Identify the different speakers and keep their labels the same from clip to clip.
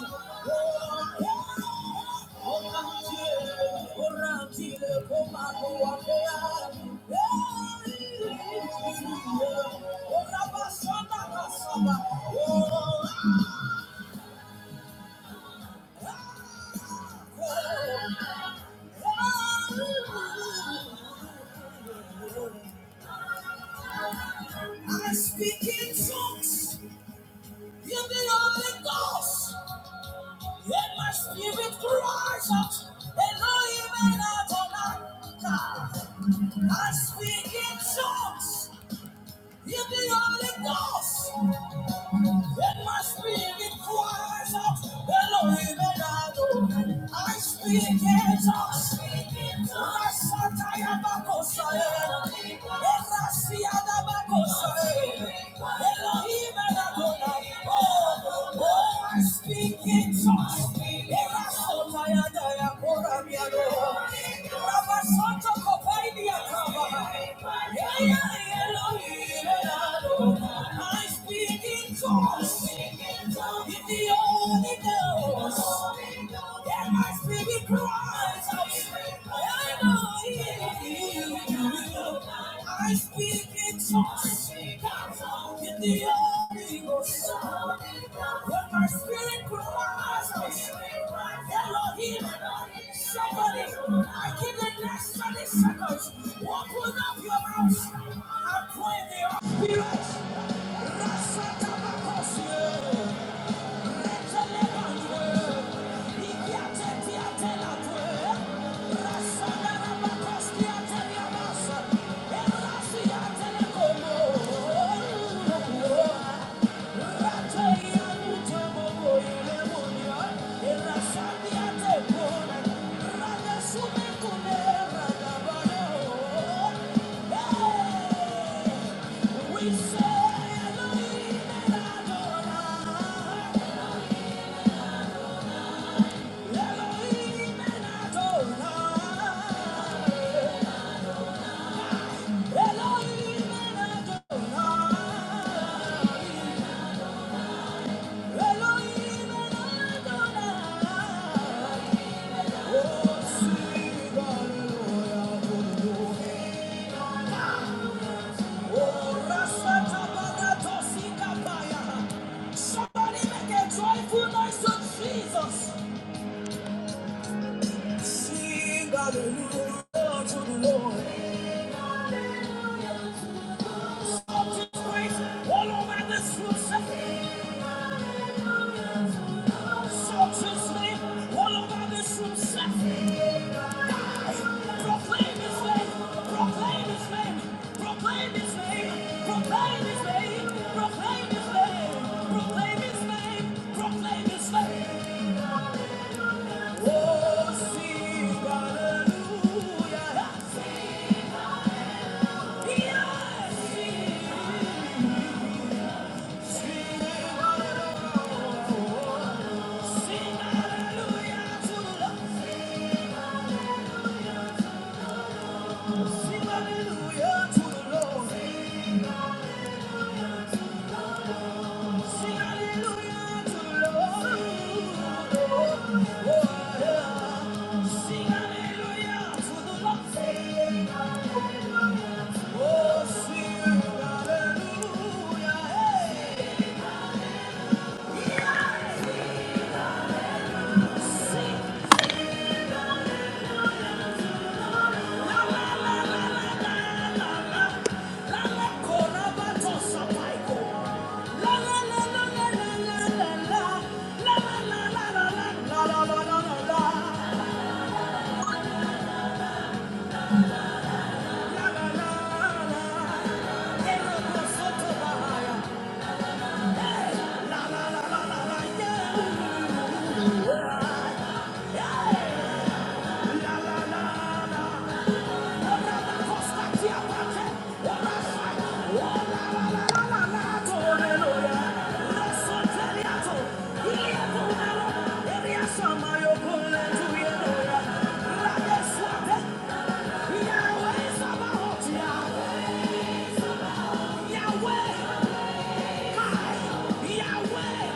Speaker 1: Yeah. I speak in tongues, you the Holy Ghost, let my spirit cries out, Elohim and Adonai. I speak in tongues, you the Holy Ghost. When my spirit cries out, Elohim Elado, I speak in tongues. Rasatayabakosaya, Erasiadabakosaya, Elohim Elado. Oh, oh, I speak in tongues. Erasotayadaya, Koramiado. Rabasanto Kopaidia Kabaha. Yeah, yeah, yeah, yeah, I speak in tongues. In the Holy Ghost. Then my spirit cries out. I know you. I speak in Somebody, I give the next 30 seconds. Open up your mouth and pray in the Holy spirit. Rasa tabakosie. We say Elohim and Adonai. Somebody make a joyful noise to Jesus. Sing hallelujah to the Lord. all over this room, sir. Exalt his name all over this room, sir. Proclaim his name, proclaim his name, proclaim his name, proclaim his name, proclaim his name, proclaim his name, proclaim his name. Oh, sing hallelujah. Yes, sing, sing hallelujah. Sing hallelujah to the Lord. Sing hallelujah to the Lord. Sing hallelujah to the Lord. Oh, yeah. Sing hallelujah to the Lord. Oh, sing hallelujah. Hey. Sing La la la la la la, yeah, yeah, la la la la. Yahweh, Yahweh,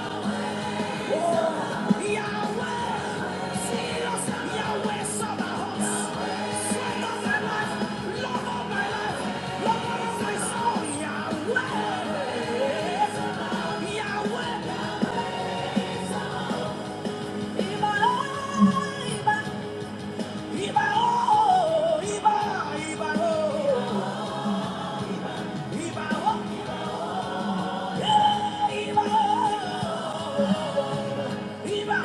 Speaker 1: Iba,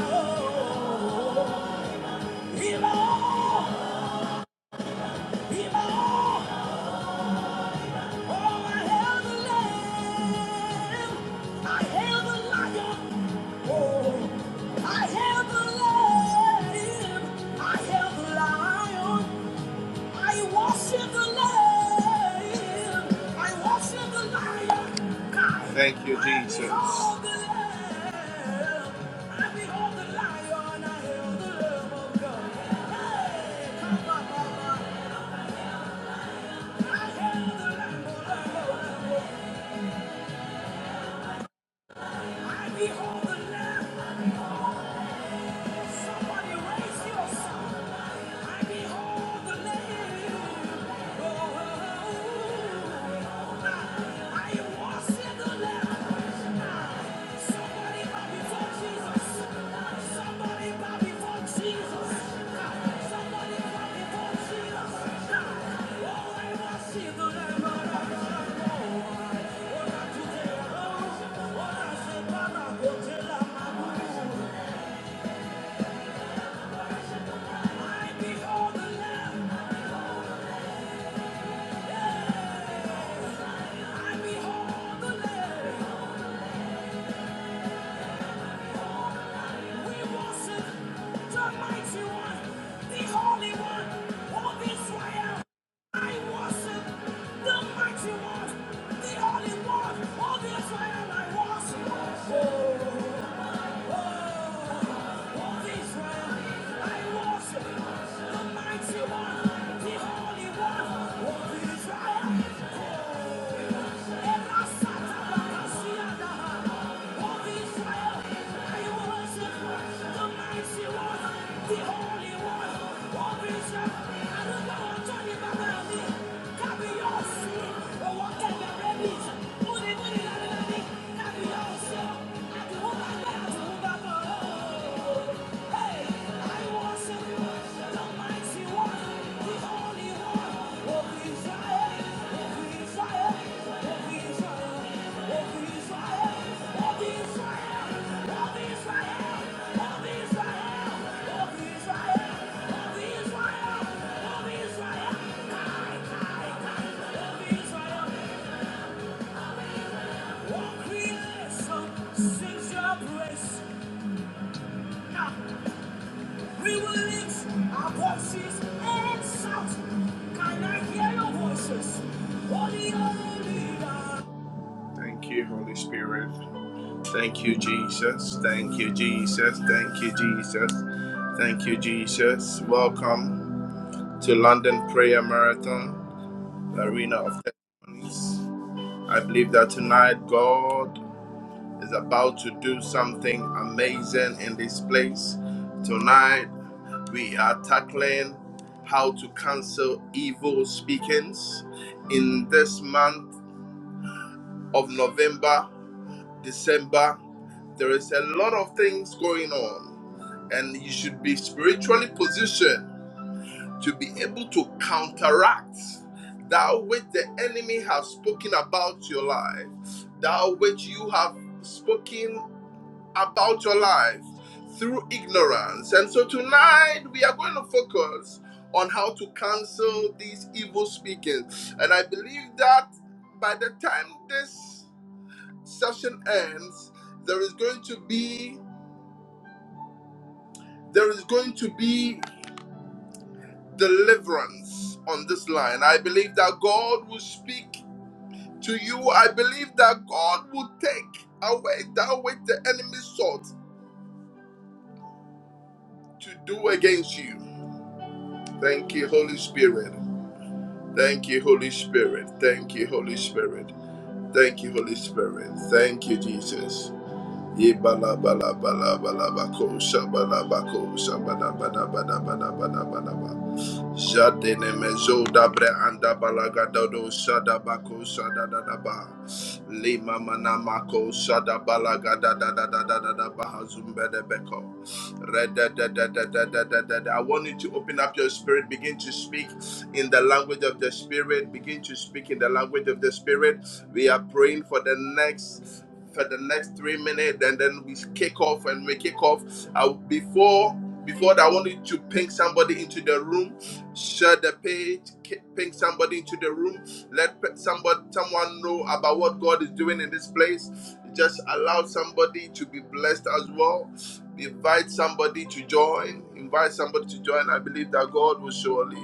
Speaker 1: Iba, Iba, Oh, Oh, Thank you, Jesus. Hey, I behold the Lamb. Somebody raise your song. I behold the Lamb. Oh, I worship the Lamb. Somebody bow before Jesus. Somebody bow before Jesus. Somebody bow before Jesus. Oh, I worship the Lamb. Oh, I today. Oh, I say, Baba, go tell the Holy One, the Holy one, all the Israel I worship. The Holy One of Israel, I don't know what Johnny Babylon is. Carry your sin, but what can the rabbis? Money, money, money, money. Israel, of Israel, Kai, Kai, Kai, of Israel we will lift our voices and shout. Can I hear your voices? Holy, holy, Lord. Thank you, Holy Spirit. Thank you, Jesus. Thank you, Jesus. Thank you, Jesus. Thank you, Jesus. Welcome to London Prayer Marathon, the arena of testimonies. I believe that tonight, God is about to do something amazing in this place. Tonight, we are tackling how to cancel evil speakings. In this month of November, December, there is a lot of things going on, and you should be spiritually positioned to be able to counteract that which the enemy has spoken about your life, that which you have spoken about your life through ignorance. And so tonight we are going to focus on how to cancel these evil speaking. And I believe that by the time this session ends, there is going to be there is going to be deliverance on this line. I believe that God will speak to you. I believe that God will take away that which the enemy sought to do against you. Thank you, Holy Spirit. Thank you, Holy Spirit. Thank you, Holy Spirit. Thank you, Holy Spirit. Thank you, Jesus. Yebala bala bala bala bako shabala bako shabala bala bala Yebalabalabalabalabaco, shabalabaco, shabadabadabadabadabadabadaba. Jadene mezo dabre anda balaga dodo shada bako shada da da ba. Lima mana mako shada balaga da Da da da da da da ba hazumbe de beko. Red da da. da da da da da da da. I want you to open up your spirit, begin to speak in the language of the spirit, begin to speak in the language of the spirit. We are praying for the next for the next three minutes, and then we kick off. And we kick off uh, before before that. I want you to ping somebody into the room, share the page, ki- ping somebody into the room. Let pe- somebody someone know about what God is doing in this place. Just allow somebody to be blessed as well. Invite somebody to join. Invite somebody to join. I believe that God will surely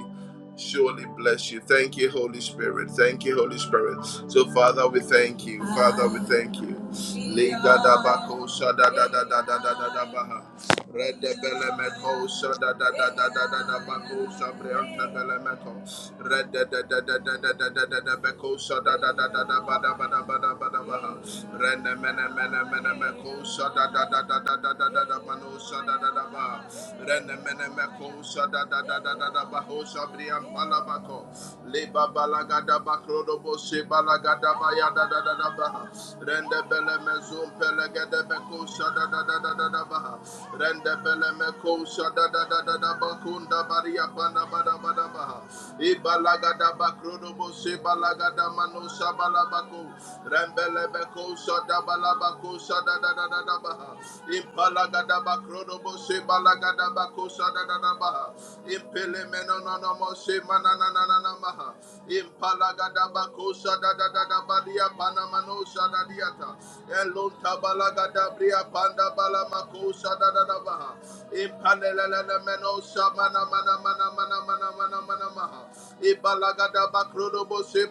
Speaker 1: surely bless you. Thank you, Holy Spirit. Thank you, Holy Spirit. So, Father, we thank you. Father, we thank you. Rede bele meto, shada da da da da da da bako, shabrianta bele meto. Rede da da da da da da da da bako, shada da da da da ba da ba da ba da ba da ba. Rene mene mene mene meko, shada da da da da da da da da bano, shada da da ba. Rene mene meko, shada da da da da da bako, shabrianta la bako. Leba balagada bakro do boshi balagada ba ya da da da da ba. Rende bele me mezum pelegede beko shada da da da da da baha. Rende bele meko shada da da da da bakunda baria panda bada bada baha. Ibalaga da bakrodo bose balaga da mano shabala bako. Rembele beko shada bala bako shada da da da da baha. Impalaga da bakrodo bose balaga da bako shada da da baha. Impele meno no no mose manana na na na maha. Impalaga da bako Manosa da da da Shadadadabadia Panamano Shadadiata Elon Tabalaga da bria, Panda Balamacosa da Balamako Shadadabaha Ipanelana Meno Shamana Mana Mana Mana Mana Mana Mana Mana Maha Ibalagada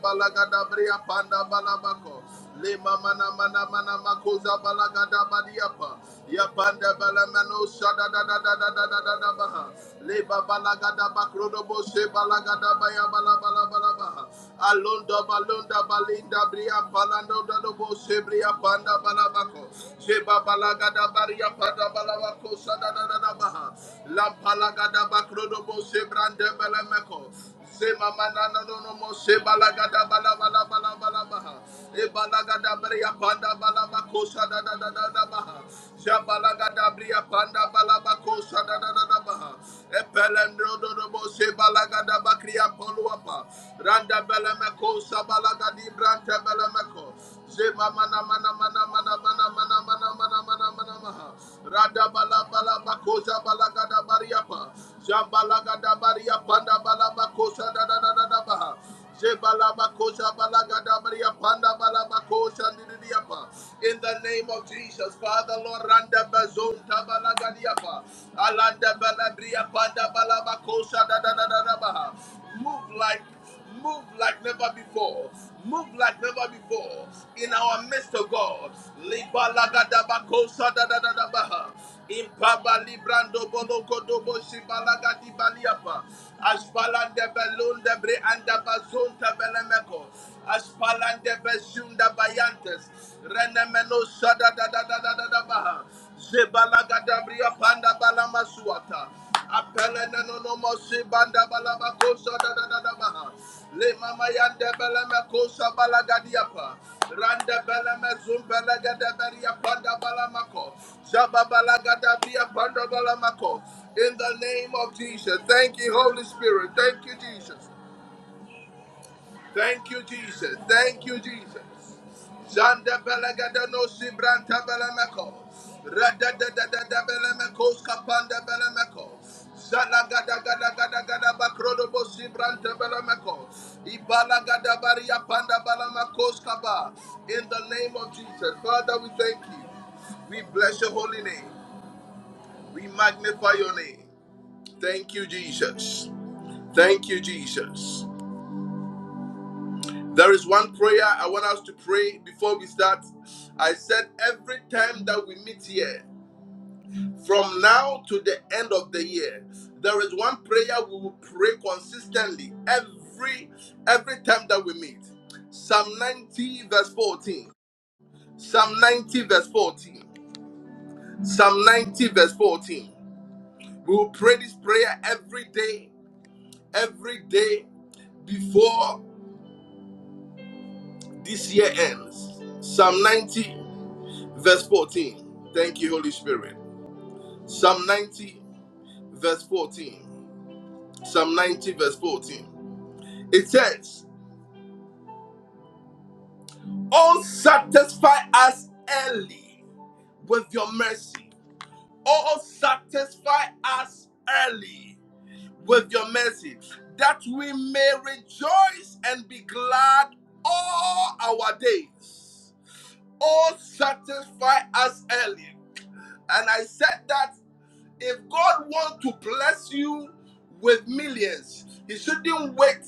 Speaker 1: balaga da Bria Panda Balabako Lima Mana Mana Mana Makosa Balagada Badiapa Yapanda Balamano Shadadadadadadadadabaha Leba Balagada Bakrodobo Shibalagada Baya Balabalabalabaha Alonda balonda balinda bria palando dobo sebria panda balabako. Seba balaga da baria panda balabako sada da da da baha. La palaga da bakro dobo sebrande belemeko. Sema manana no no mo se laga da balabala Ebalagada bria panda balaba kosa da da da da da baha. Jabalagada bria panda balaba kosa da da da da baha. Epelendro do do bo se balagada bakria poluapa. Randa beleme kosa balagadi brante beleme ko. Zema mana mana mana mana mana mana mana mana in the name of Jesus, Father Lord, Randa Bazonta Balagadiapa, Alanda Balabria Panda Balabakosha da da da da da baha. Move like Move like never before. Move like never before. In our midst, of God. Libalagadabakosa dadadadabaha. Impaba librando boloko dobo shibalaga di baliapa. Ashbalande belunde bre anda bazunta belemeko. Ashbalande bezunda bayantes. Renemeno sada da da da da da da dadadadadabaha. Zebalaga dabria panda balamasuata. Apelene no no mo si banda balaba kosa da da da da baha. Le mama yande bele kosa balaga Rande bele me gede beria panda balamako. Zaba balaga da panda balamako. In the name of Jesus. Thank you, Holy Spirit. Thank you, Jesus. Thank you, Jesus. Thank you, Jesus. Zanda belagada no sibranta belemeko. Rada da da da da belemeko skapanda belemeko. Zala gada gada gada gada bakrodo bo sibranta belemeko. Ibala gada baria panda belemeko skaba. In the name of Jesus, Father, we thank you. We bless your holy name. We magnify your name. Thank you, Jesus. Thank you, Jesus. There is one prayer I want us to pray before we start. I said every time that we meet here, from now to the end of the year, there is one prayer we will pray consistently every every time that we meet. Psalm 90 verse 14. Psalm 90 verse 14. Psalm 90 verse 14. We will pray this prayer every day, every day before this year ends. Psalm 90. verse 14. Thank you, Holy Spirit. Psalm 90, verse 14. Psalm 90, verse 14. It says, Oh, satisfy us early with your mercy. Oh, satisfy us early with your mercy, that we may rejoice and be glad all our days. Oh, satisfy us early. And I said that If God wants to bless you with millions, He shouldn't wait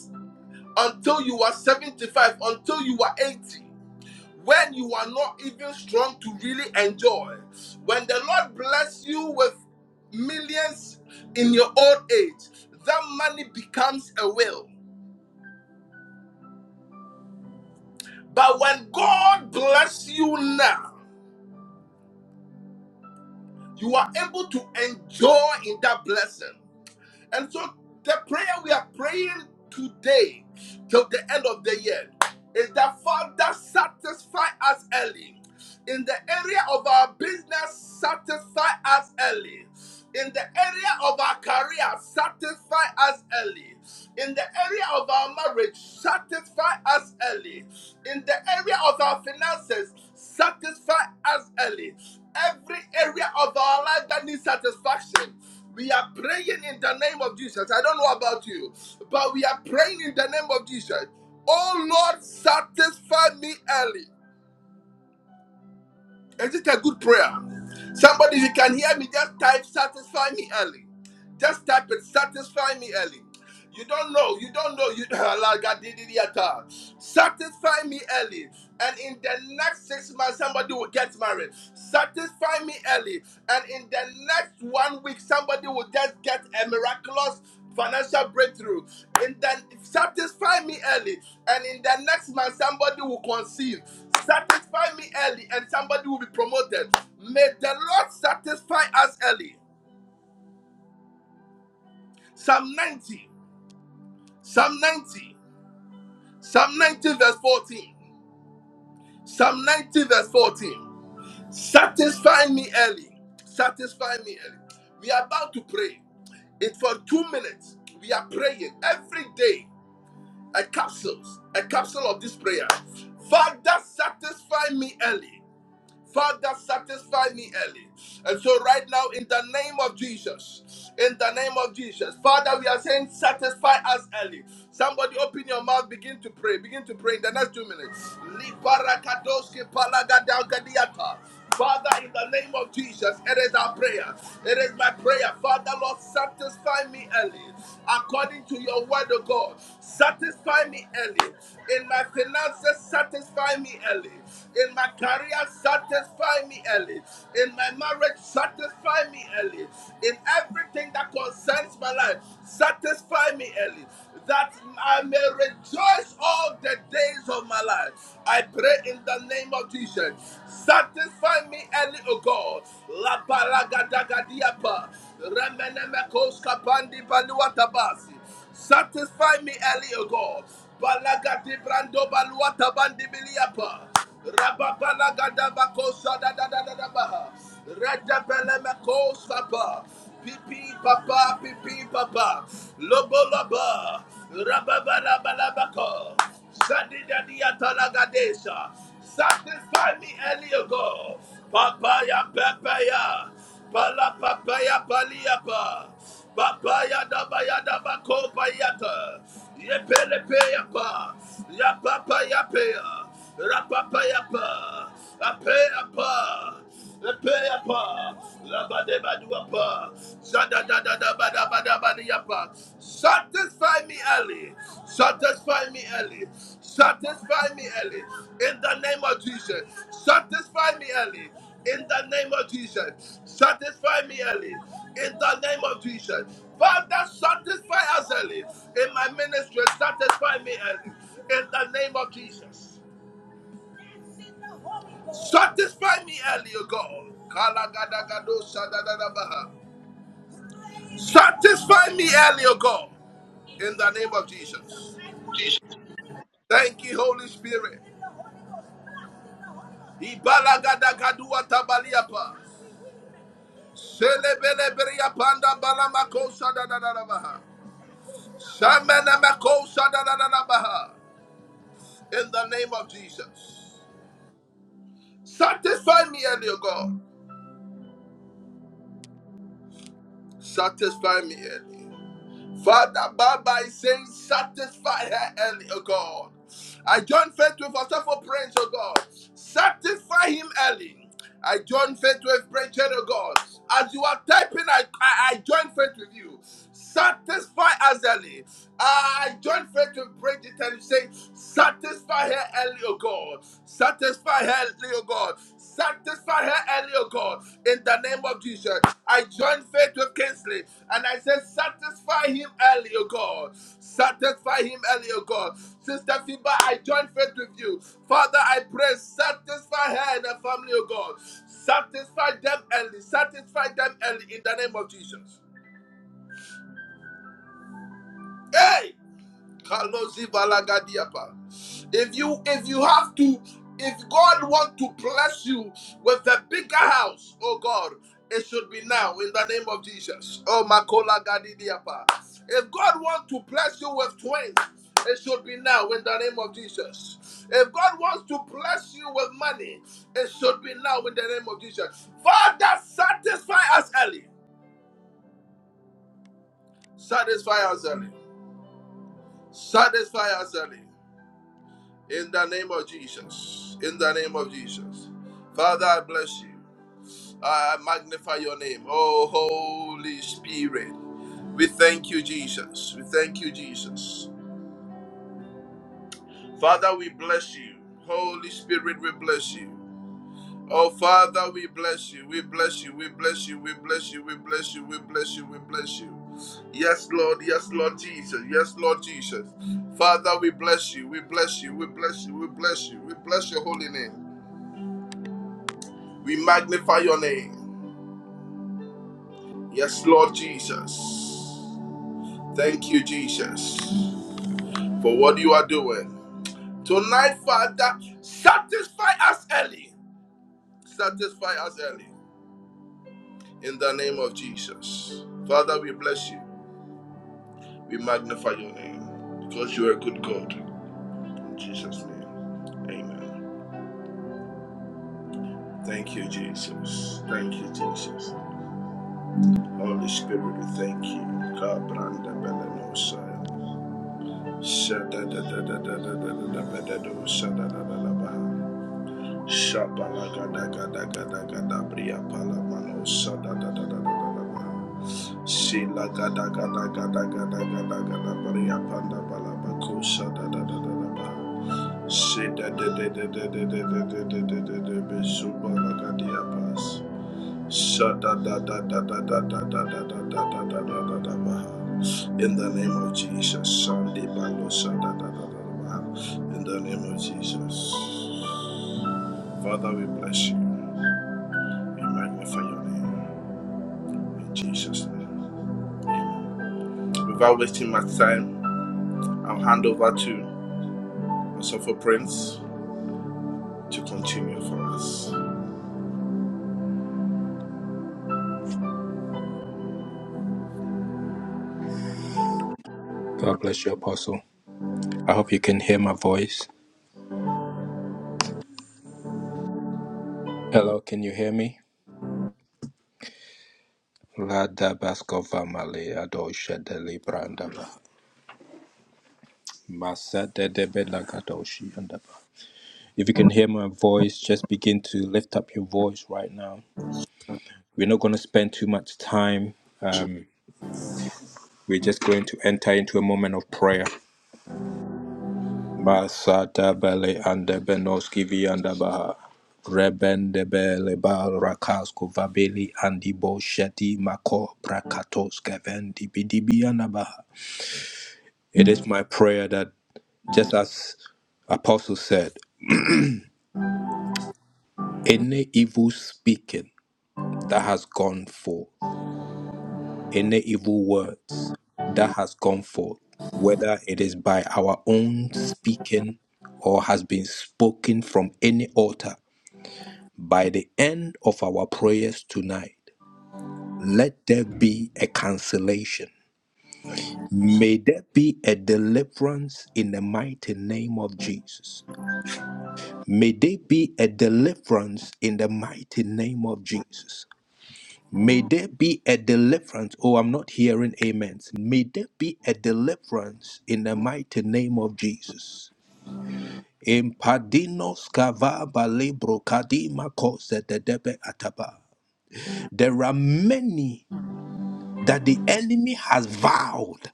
Speaker 1: until you are 75, until you are 80, when you are not even strong to really enjoy. When the Lord bless you with millions in your old age, that money becomes a will. But when God bless you now, you are able to enjoy in that blessing. And so the prayer we are praying today till the end of the year is that Father satisfy us early. In the area of our business, satisfy us early. In the area of our career, satisfy us early. In the area of our marriage, satisfy us early. In the area of our finances, satisfy us early. Every area of our life that needs satisfaction, we are praying in the name of Jesus. I don't know about you, but we are praying in the name of Jesus. Oh Lord, satisfy me early. Is it a good prayer? Somebody, if you can hear me, just type satisfy me early. Just type it, satisfy me early. You don't know. You don't know. You Alagadididiyata. satisfy me early, and in the next six months somebody will get married. Satisfy me early, and in the next one week somebody will just get a miraculous financial breakthrough. And then satisfy me early, and in the next month somebody will conceive. Satisfy me early, and somebody will be promoted. May the Lord satisfy us early. Psalm 90. Psalm 90. Psalm 90, verse 14. Psalm 90, verse 14. Satisfy me early. Satisfy me early. We are about to pray. It's for two minutes. We are praying every day. A capsule, a capsule of this prayer. Father, satisfy me early. Father, satisfy me early. And so, right now, in the name of Jesus, in the name of Jesus, Father, we are saying, satisfy us early. Somebody open your mouth, begin to pray, begin to pray in the next two minutes. Father, in the name of Jesus, it is our prayer. It is my prayer. Father, Lord, satisfy me early. According to your word, oh God, satisfy me early. In my finances, satisfy me early. In my career, satisfy me early. In my marriage, satisfy me early. In everything that concerns my life, satisfy me early that I may rejoice all the days of my life. I pray in the name of Jesus. Satisfy me early, O God. La paragadagadiapa. Remenemekos kapandi baluatabasi. Satisfy me early, O God. Balagadi brando baluatabandi biliapa. Rababalagadabakosodadadadadabaha. Radabelemekosapa. Pipi papa, pipi papa, lobo loba, rababalabalabaco, sadidadiatalagadesa. Satisfy me early, O God. Papaya Papaya Pala Papaya Paliapa Papaya Dabaya Dabako Payata Yepelepeapa Yapapaya Paya Rapapaya Pa Apeapa Epeyapa, labadebaduapa, zadadadadabadabadabadiapa. Satisfy me early. Satisfy me early. Satisfy me early. In the name of Jesus. Satisfy me early. In the name of Jesus. Satisfy me early. In the name of Jesus. Father, satisfy us early. In my ministry, satisfy me early. In the name of Jesus. Satisfy me early, O God. Kalagadagado shadadadabaha. Satisfy me early, O God. In the name of Jesus. Thank you, Holy Spirit. Ibalagadagaduwa tabaliapa. Selebeleberiapanda balamako shadadadadabaha. Shamenemeko shadadadadabaha. In the name of Jesus. Satisfy me early, O God. Satisfy me early. Father, Baba is saying, satisfy her early, oh God. I join faith with a for praise, oh God. Satisfy him early. I join faith with praise, oh God. As you are typing, I, I, I join faith with you. Satisfy us early. I join faith with praise and you say, satisfy her early, oh God. Satisfy her early, oh God. Satisfy her early, oh God. In the name of of Jesus. I joined faith with Kingsley and I said, Satisfy him early, O God. Satisfy him early, O God. Sister Fiba, I joined faith with you. Father, I pray, satisfy her and her family, O God. Satisfy them early. Satisfy them early in the name of Jesus. Hey. If you if you have to if God wants to bless you with a bigger house, oh God, it should be now in the name of Jesus. Oh Makola Gadidiapa. If God wants to bless you with twins, it should be now in the name of Jesus. If God wants to bless you with money, it should be now in the name of Jesus. Father, satisfy us early. Satisfy us early. Satisfy us early. In the name of Jesus. In the name of Jesus. Father, I bless you. I magnify your name. Oh, Holy Spirit. We thank you, Jesus. We thank you, Jesus. Father, we bless you. Holy Spirit, we bless you. Oh, Father, we bless you. We bless you. We bless you. We bless you. We bless you. We bless you. We bless you. Yes, Lord. Yes, Lord Jesus. Yes, Lord Jesus. Father, we bless you. We bless you. We bless you. We bless you. We bless your holy name. We magnify your name. Yes, Lord Jesus. Thank you, Jesus, for what you are doing. Tonight, Father, satisfy us early. Satisfy us early. In the name of Jesus. Father, we bless you. We magnify your name because you are a good God. In Jesus' name. Amen. Thank you, Jesus. Thank you, Jesus. Holy Spirit, we thank you. Shada in the name of Jesus. In the name of Jesus. Father, we bless you. We magnify your name. In Jesus' name. Amen. Without wasting much time, I'll hand over to Suffer Prince to continue for us.
Speaker 2: God bless you, Apostle. I hope you can hear my voice. Hello, can you hear me? Lada baskova malea dosha deli brandaba. Masa de debe lagadoshi andaba. If you can hear my voice, just begin to lift up your voice right now. We're not going to spend too much time. Um, we're just going to enter into a moment of prayer. Basata bele ande benoski vi anda baha. Rebende bele bal rakasko vabeli andi bo sheti mako prakatos kevendi bidibi anda baha. It is my prayer that just as Apostle said, any evil speaking that has gone forth, any evil words that has gone forth, whether it is by our own speaking or has been spoken from any altar. By the end of our prayers tonight, let there be a cancellation.
Speaker 1: Thank you, Jesus.
Speaker 2: May there be a deliverance in the mighty name of Jesus. May there be a deliverance in the mighty name of Jesus. May there be a deliverance. Oh, I'm not hearing amens. May there be a deliverance in the mighty name of Jesus. Impadinos kava balebro kadima kose de debe ataba. There are many that the enemy has vowed.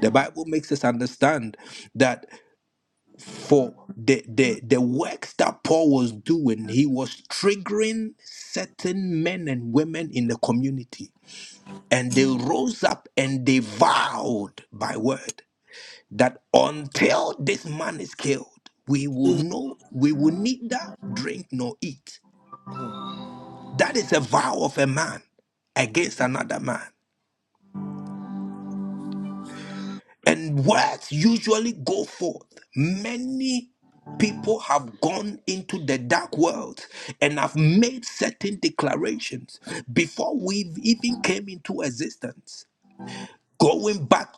Speaker 2: The Bible makes us understand that for the, the, the works that Paul was doing, he was triggering certain men and women in the community. And they rose up and they vowed by word that until this man is killed, we will know we will neither drink nor eat. That is a vow of a man against another man. And words usually go forth. Many people have gone into the dark world and have made certain declarations before we even came into existence. Going back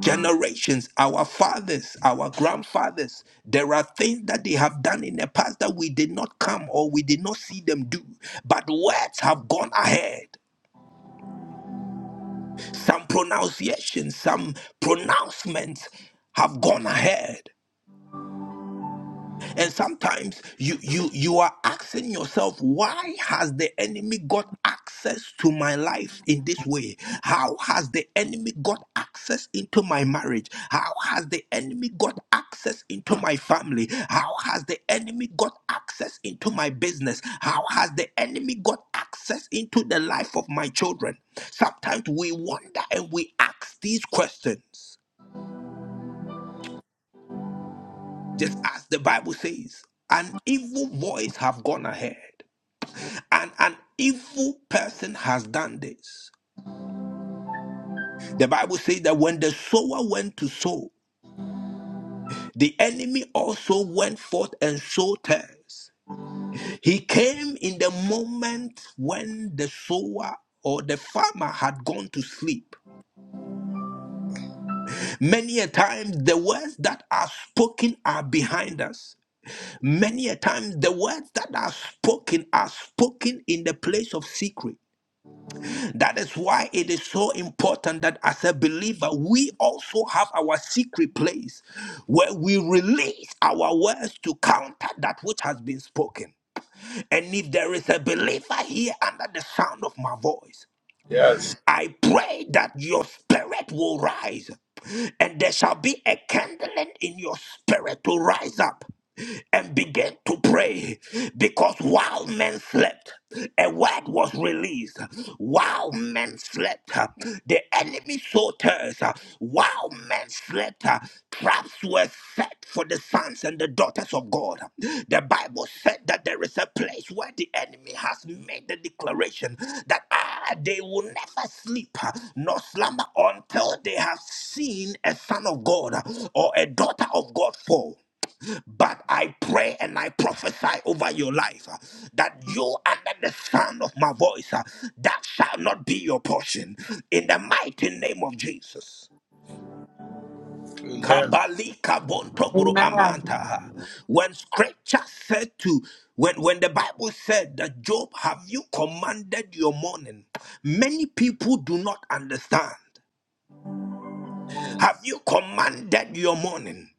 Speaker 2: generations, our fathers, our grandfathers, there are things that they have done in the past that we did not come or we did not see them do. But words have gone ahead. Some pronunciations, some pronouncements have gone ahead. And sometimes you you you are asking yourself, why has the enemy got access to my life in this way? How has the enemy got access into my marriage? How has the enemy got access into my family? How has the enemy got access into my business? How has the enemy got access into the life of my children? Sometimes we wonder and we ask these questions, just as the Bible says, an evil voice have gone ahead And an evil person has done this. The Bible says that when the sower went to sow, the enemy also went forth and sowed tares. He came in the moment when the sower or the farmer had gone to sleep. Many a time, the words that are spoken are behind us. Many a time, the words that are spoken are spoken in the place of secret. That is why it is so important that as a believer, we also have our secret place where we release our words to counter that which has been spoken. And if there is a believer here under the sound of my voice,
Speaker 1: Yes.
Speaker 2: I pray that your spirit will rise and there shall be a kindling in your spirit to rise up and begin to pray because while men slept a word was released while men slept the enemy so tears While men slept, uh, traps were set for the sons and the daughters of God. The Bible said that there is a place where the enemy has made the declaration that ah, they will never sleep uh, nor slumber until they have seen a son of God uh, or a daughter of God fall. But I pray and I prophesy over your life uh, that you, under the sound of my voice, uh, that shall not be your portion. In the mighty name of Jesus.
Speaker 1: Amen.
Speaker 2: Kabali kabon tobro
Speaker 3: Amen.
Speaker 2: amanta. When scripture said to when, when the Bible said that Job, have you commanded your morning? Many people do not understand. Have you commanded your morning?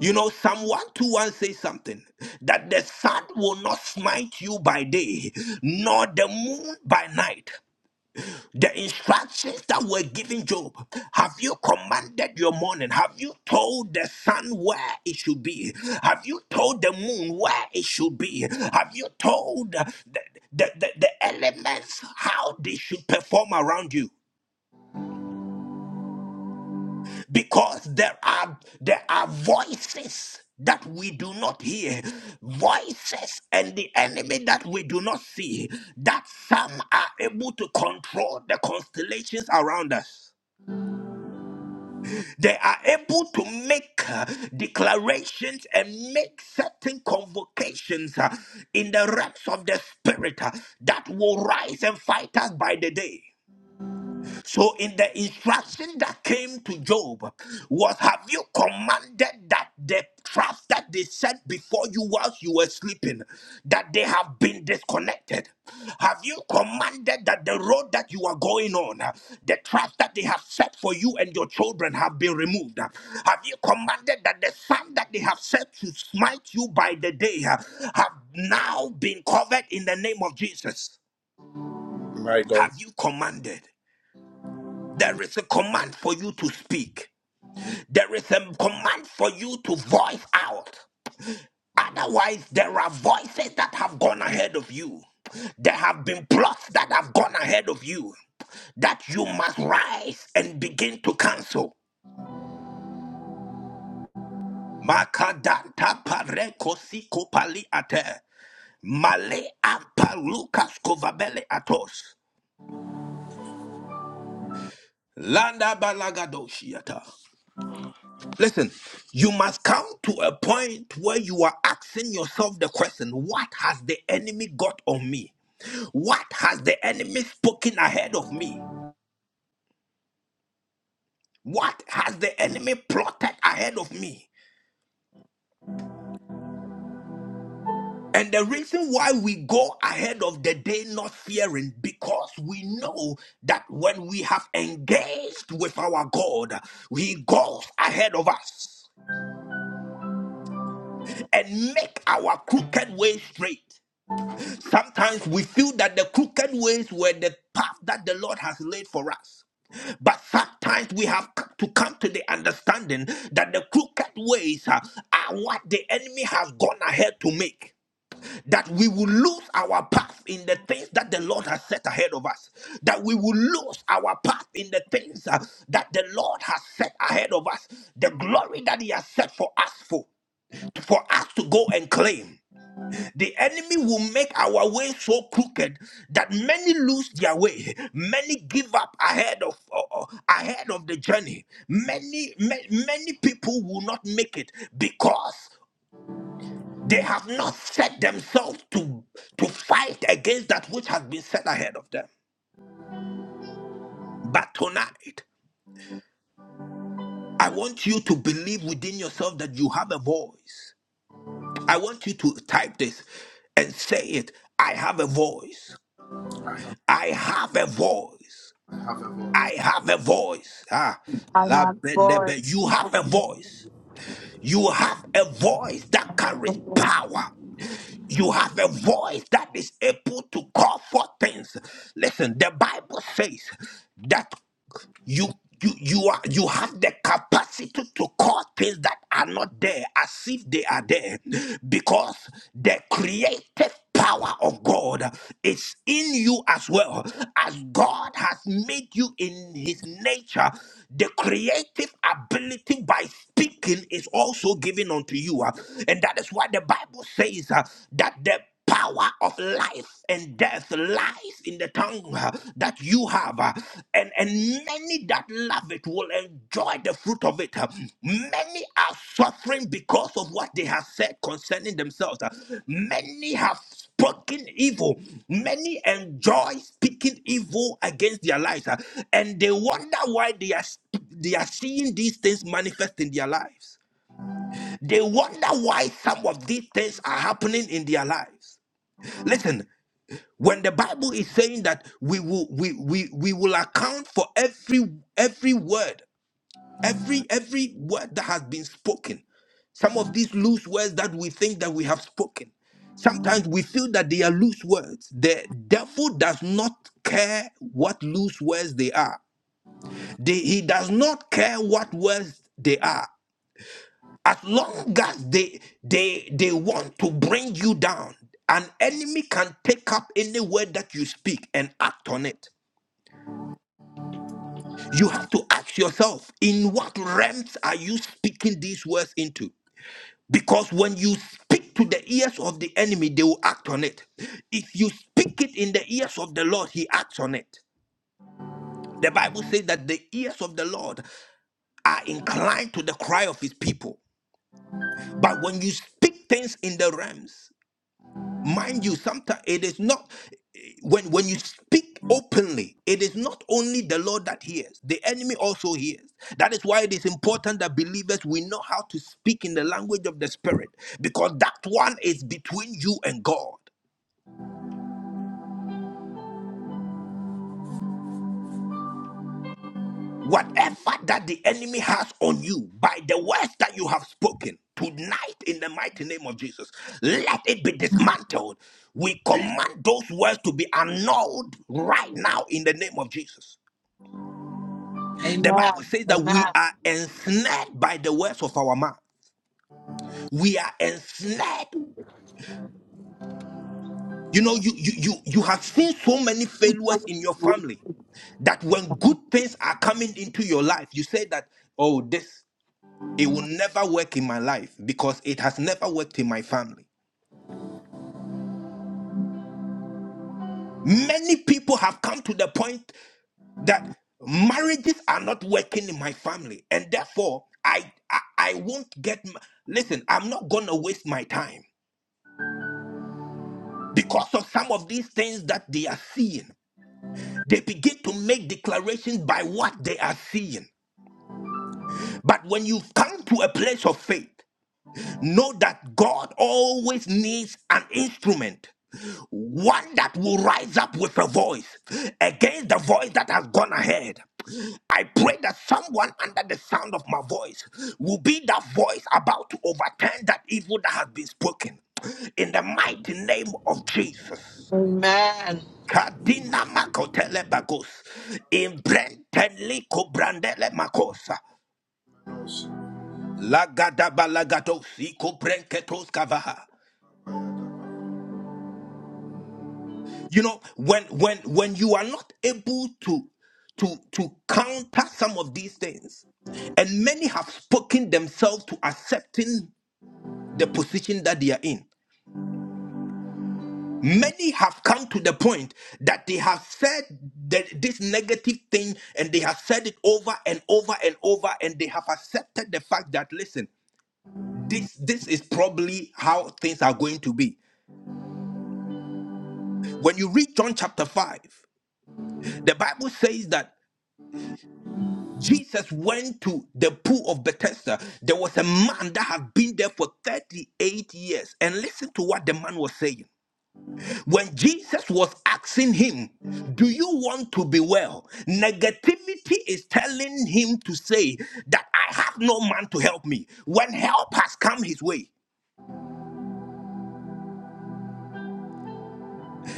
Speaker 2: You know, Psalm 121 says something that the sun will not smite you by day, nor the moon by night. The instructions that were given Job, have you commanded your morning? Have you told the sun where it should be? Have you told the moon where it should be? Have you told the, the, the, the elements how they should perform around you? Because there are there are voices that we do not hear, voices and the enemy that we do not see, that some are able to control the constellations around us. They are able to make uh, declarations and make certain convocations uh, in the realms of the spirit uh, that will rise and fight us by the day. So, in the instruction that came to Job, was have you commanded that the traps that they set before you whilst you were sleeping, that they have been disconnected? Have you commanded that the road that you are going on, uh, the traps that they have set for you and your children have been removed? Have you commanded that the sun that they have set to smite you by the day uh, have now been covered in the name of Jesus?
Speaker 1: My God.
Speaker 2: Have you commanded? There is a command for you to speak. There is a command for you to voice out. Otherwise, there are voices that have gone ahead of you. There have been plots that have gone ahead of you that you must rise and begin to cancel. Makadanta pareko siko pali ate. Male ampalukas kovabele atos. Landa balagadoshi ata. Listen, you must come to a point where you are asking yourself the question what has the enemy got on me? What has the enemy spoken ahead of me? What has the enemy plotted ahead of me? And the reason why we go ahead of the day not fearing, because we know that when we have engaged with our God, He goes ahead of us and make our crooked way straight. Sometimes we feel that the crooked ways were the path that the Lord has laid for us. But sometimes we have c- to come to the understanding that the crooked ways are, are what the enemy has gone ahead to make. That we will lose our path in the things that the Lord has set ahead of us. That we will lose our path in the things uh, that the Lord has set ahead of us. The glory that He has set for us for, for us to go and claim. The enemy will make our way so crooked that many lose their way. Many give up ahead of uh, uh, ahead of the journey. Many ma- many people will not make it because they have not set themselves to to fight against that which has been set ahead of them. But tonight, I want you to believe within yourself that you have a voice. I want you to type this and say it. I have a voice. I have a voice.
Speaker 1: I have a
Speaker 2: I have a voice. Ah,
Speaker 3: I
Speaker 2: la
Speaker 3: have
Speaker 2: benebe.
Speaker 3: voice.
Speaker 2: You have a voice. You have a voice that carries power. You have a voice that is able to call for things. Listen, the Bible says that you you you are you have the capacity to call things that are not there as if they are there because the creative power of God is in you as well as God has made you in his nature the creative ability by speaking is also given unto you Uh, and that is why the bible says uh, that the power of life and death lies in the tongue uh, that you have uh, and and many that love it will enjoy the fruit of it uh. many are suffering because of what they have said concerning themselves uh. many have spoken evil many enjoy speaking evil against their lives uh, and they wonder why they are sp- they are seeing these things manifest in their lives they wonder why some of these things are happening in their lives. Listen, when the Bible is saying that we will we we, we will account for every every word, every every word that has been spoken. Some of these loose words that we think that we have spoken. Sometimes we feel that they are loose words. The devil does not care what loose words they are. They- he does not care what words they are as long as they they they want to bring you down an enemy can take up any word that you speak and act on it you have to ask yourself in what realms are you speaking these words into because when you speak to the ears of the enemy they will act on it if you speak it in the ears of the lord he acts on it the bible says that the ears of the lord are inclined to the cry of his people but when you speak things in the realms mind you sometimes it is not when when you speak openly it is not only the lord that hears the enemy also hears that is why it is important that believers we know how to speak in the language of the spirit because that one is between you and god whatever that the enemy has on you by the words that you have spoken tonight in the mighty name of jesus let it be dismantled we command those words to be annulled right now in the name of jesus The
Speaker 3: Amen.
Speaker 2: Bible says that we
Speaker 3: Amen.
Speaker 2: are ensnared by the words of our mouth. We are ensnared. You know, you you you you have seen so many failures in your family that when good things are coming into your life, you say that, oh, this it will never work in my life because it has never worked in my family. Many people have come to the point that marriages are not working in my family, and therefore I I, I won't get. My, listen, I'm not gonna waste my time. Because of some of these things that they are seeing, they begin to make declarations by what they are seeing. But when you come to a place of faith, know that God always needs an instrument, one that will rise up with a voice against the voice that has gone ahead. I pray that someone under the sound of my voice will be that voice about to overturn that evil that has been spoken. In the mighty name of Jesus.
Speaker 3: Amen.
Speaker 2: Kadina makotele bagus. Imbrenteli kobrandele makosa.
Speaker 1: voice.
Speaker 2: Lagada balagados ikobrenketos kavaha. You know, when when when you are not able to to to counter some of these things, and many have spoken themselves to accepting the position that they are in. Many have come to the point that they have said that this negative thing and they have said it over and over and over and they have accepted the fact that listen, this this is probably how things are going to be. When you read John chapter 5, the Bible says that Jesus went to the pool of Bethesda. There was a man that had been there for 38 years and listen to what the man was saying. when Jesus was asking him, Do you want to be well? Negativity is telling him to say that I have no man to help me when help has come his way.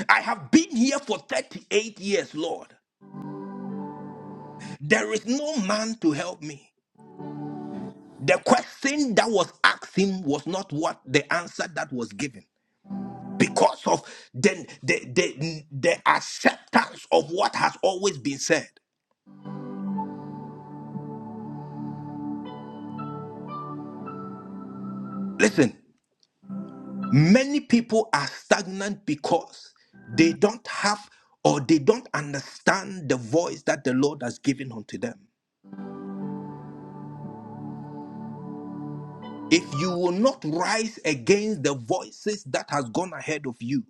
Speaker 2: I have been here for 38 years, Lord. There is no man to help me. The question that was asked him was not what the answer that was given because of the, the, the, the acceptance of what has always been said. Listen, Many people are stagnant because they don't have or they don't understand the voice that the Lord has given unto them. If you will not rise against the voices that has gone ahead of you,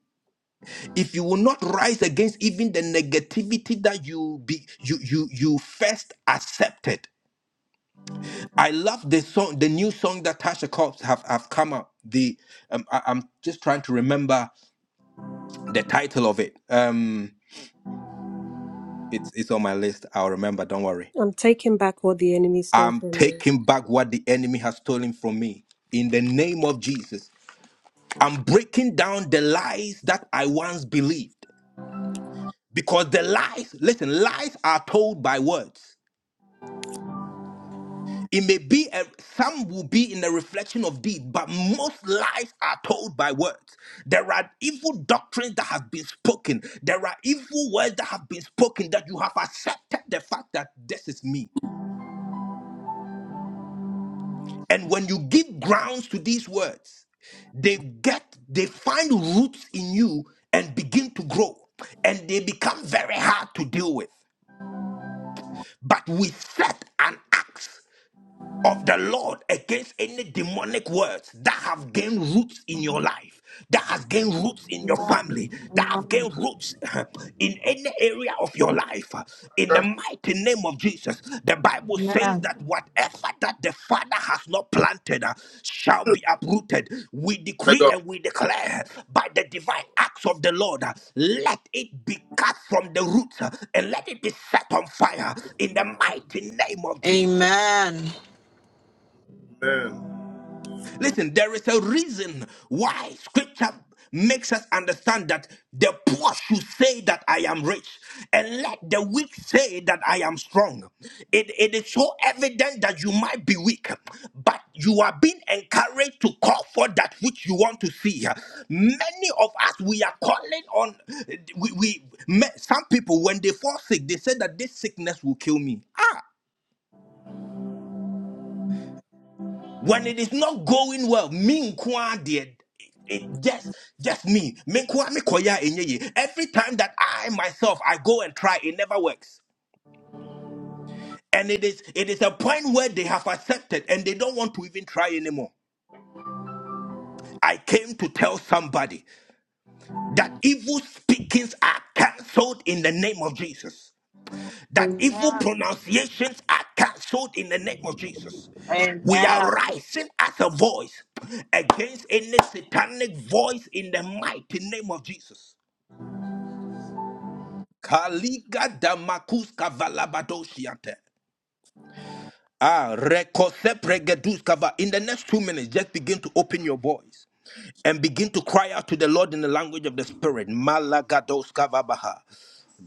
Speaker 2: if you will not rise against even the negativity that you be you you you first accepted. I love the song, the new song that Tasha Cobbs have have come up. The um, I, I'm just trying to remember the title of it. Um, it's it's on my list. I'll remember. Don't worry
Speaker 4: I'm taking back what the enemy stole
Speaker 2: I'm
Speaker 4: from me.
Speaker 2: taking back what the enemy has stolen from me in the name of Jesus. I'm breaking down the lies that I once believed because the lies, listen, lies are told by words. It may be a, some will be in the reflection of deed, but most lies are told by words. There are evil doctrines that have been spoken. There are evil words that have been spoken that you have accepted the fact that this is me. And when you give grounds to these words, they get they find roots in you and begin to grow and they become very hard to deal with but we set an axe of the Lord against any demonic words that have gained roots in your life, that has gained roots in your family, that have gained roots in any area of your life. In the mighty name of Jesus, the Bible
Speaker 3: Amen.
Speaker 2: says that whatever that the Father has not planted uh, shall be uprooted. We
Speaker 1: My
Speaker 2: decree
Speaker 1: God.
Speaker 2: and we declare by the divine acts of the Lord, uh, let it be cut from the roots uh, and let it be set on fire in the mighty name of
Speaker 3: Amen.
Speaker 2: Jesus.
Speaker 1: Amen.
Speaker 2: Listen, there is a reason why scripture makes us understand that the poor should say that I am rich, and let the weak say that I am strong. It, it is so evident that you might be weak, but you are being encouraged to call for that which you want to see. Many of us we are calling on we, we some people when they fall sick, they say that this sickness will kill me. Ah. when it is not going well me nkwa dear it just just me me nkwa me koya enye ye. every time that i myself i go and try it never works and it is it is a point where they have accepted and they don't want to even try anymore i came to tell somebody that evil speakings are cancelled in the name of jesus that evil pronunciations are cancelled in the name of Jesus.
Speaker 3: Amen.
Speaker 2: We are
Speaker 3: Amen.
Speaker 2: rising as a voice against any satanic voice in the mighty name of Jesus. Kaliga damakus kavalabadoshiate. Ah, rekose pregedus kava. In the next two minutes, just begin to open your voice. and begin to cry out to the Lord in the language of the Spirit. Malagados kavabaha.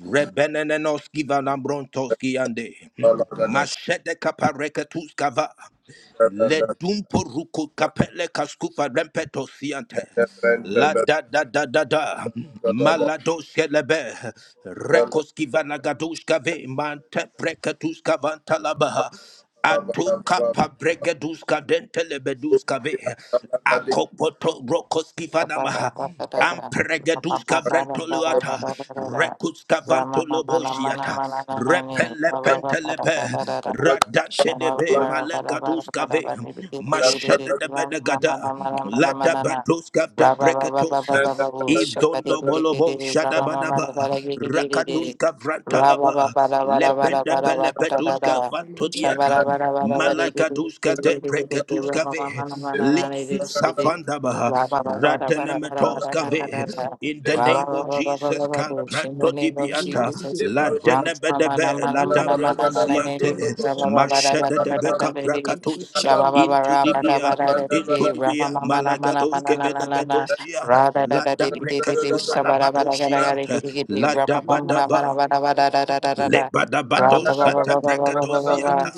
Speaker 2: Rebenenenoski vanambrontoski ande. Mashete kapareketus kava. Le dumpo ruko kapele kaskupa rempeto siante. La da da da da da. Malado shelebe. Rekoski vanagadushka ve mante preketuska vantalabaha. Atuka pabregeduska dentelebeduska ve. Akopoto rokoski vanamaha.
Speaker 5: Shabba
Speaker 2: Ampregeduska vrentoluata. Rekuska vanto loboshiata. Repele pentelebe. Radantelebe malegaduska ve. Mashede de benegada. Lata batuska de breketos. Ibdondo bolobo shadabadaba. Rakatuska vrantalaba. Lepende pelepetuska vanto diata. Malagaduska de Preketuska ve Litsu Safandabaha
Speaker 5: in the name
Speaker 2: Radenemetoska ve In the name of Jesus Calpranto
Speaker 5: of
Speaker 2: Dibianta
Speaker 5: Jesus.
Speaker 2: La Denebedebe La Dabranosiante Mashede de Beca Prakatos into Dibia into
Speaker 1: Bala
Speaker 2: Dibia Malagadoske Velebedosia La
Speaker 1: Brother
Speaker 2: Dabrekescu
Speaker 1: Abraham, in the name
Speaker 2: Falabadosiante
Speaker 1: of
Speaker 2: La
Speaker 1: Jesus. Oh,
Speaker 2: Dabadaba
Speaker 1: Nagadaba,
Speaker 2: Lebadabadosata
Speaker 1: Nagadaba.
Speaker 2: bregadosianta,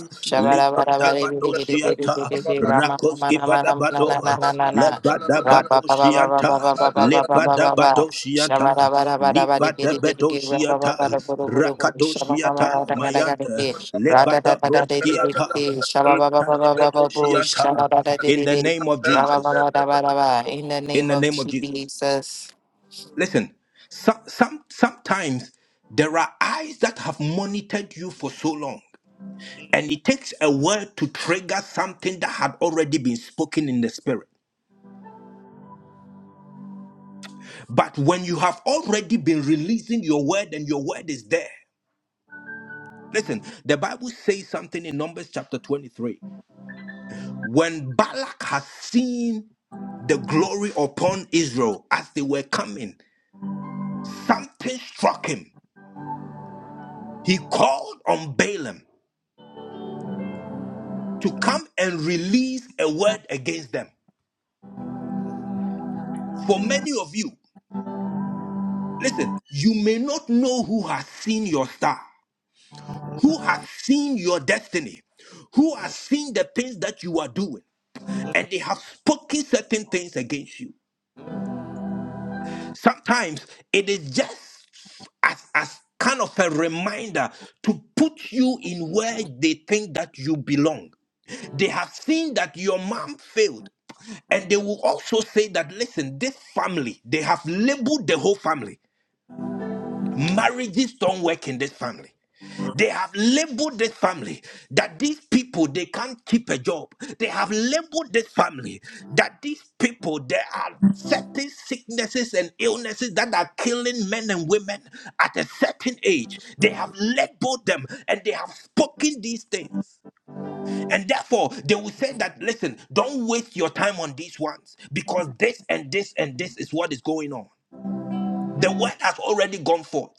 Speaker 1: In the name of Jesus.
Speaker 2: lebadabadosianta,
Speaker 1: Shabalaga,
Speaker 2: rakoski vadabado,
Speaker 1: Nagadaba,
Speaker 5: Rama in
Speaker 1: Nagadaba.
Speaker 5: the
Speaker 2: lebadabadosianta, lebadabadosianta, libadabadosianta, rakadosiata, mayanta, lebadabroskiata, epalebedosianta. In the name of Jesus. In
Speaker 5: name
Speaker 2: the
Speaker 5: of
Speaker 2: name of Jesus.
Speaker 5: Jesus,
Speaker 2: Listen, some, some, sometimes there are eyes that have monitored you for so long. And it takes a word to trigger something that had already been spoken in the spirit. But when you have already been releasing your word and your word is there, listen, the Bible says something in Numbers chapter 23. When Balak has seen the glory upon Israel as they were coming, something struck him. He called on Balaam to come and release a word against them. For many of you, listen, you may not know who has seen your star. who has seen your destiny, who has seen the things that you are doing, and they have spoken certain things against you. Sometimes it is just as, as kind of a reminder to put you in where they think that you belong. They have seen that your mom failed, and they will also say that, listen, this family, they have labeled the whole family. Marriages don't work in this family. They have labeled this family that these people they can't keep a job. They have labeled this family that these people there are certain sicknesses and illnesses that are killing men and women at a certain age. They have labeled them and they have spoken these things. And therefore, they will say that, listen, don't waste your time on these ones because this and this and this is what is going on. The word has already gone forth.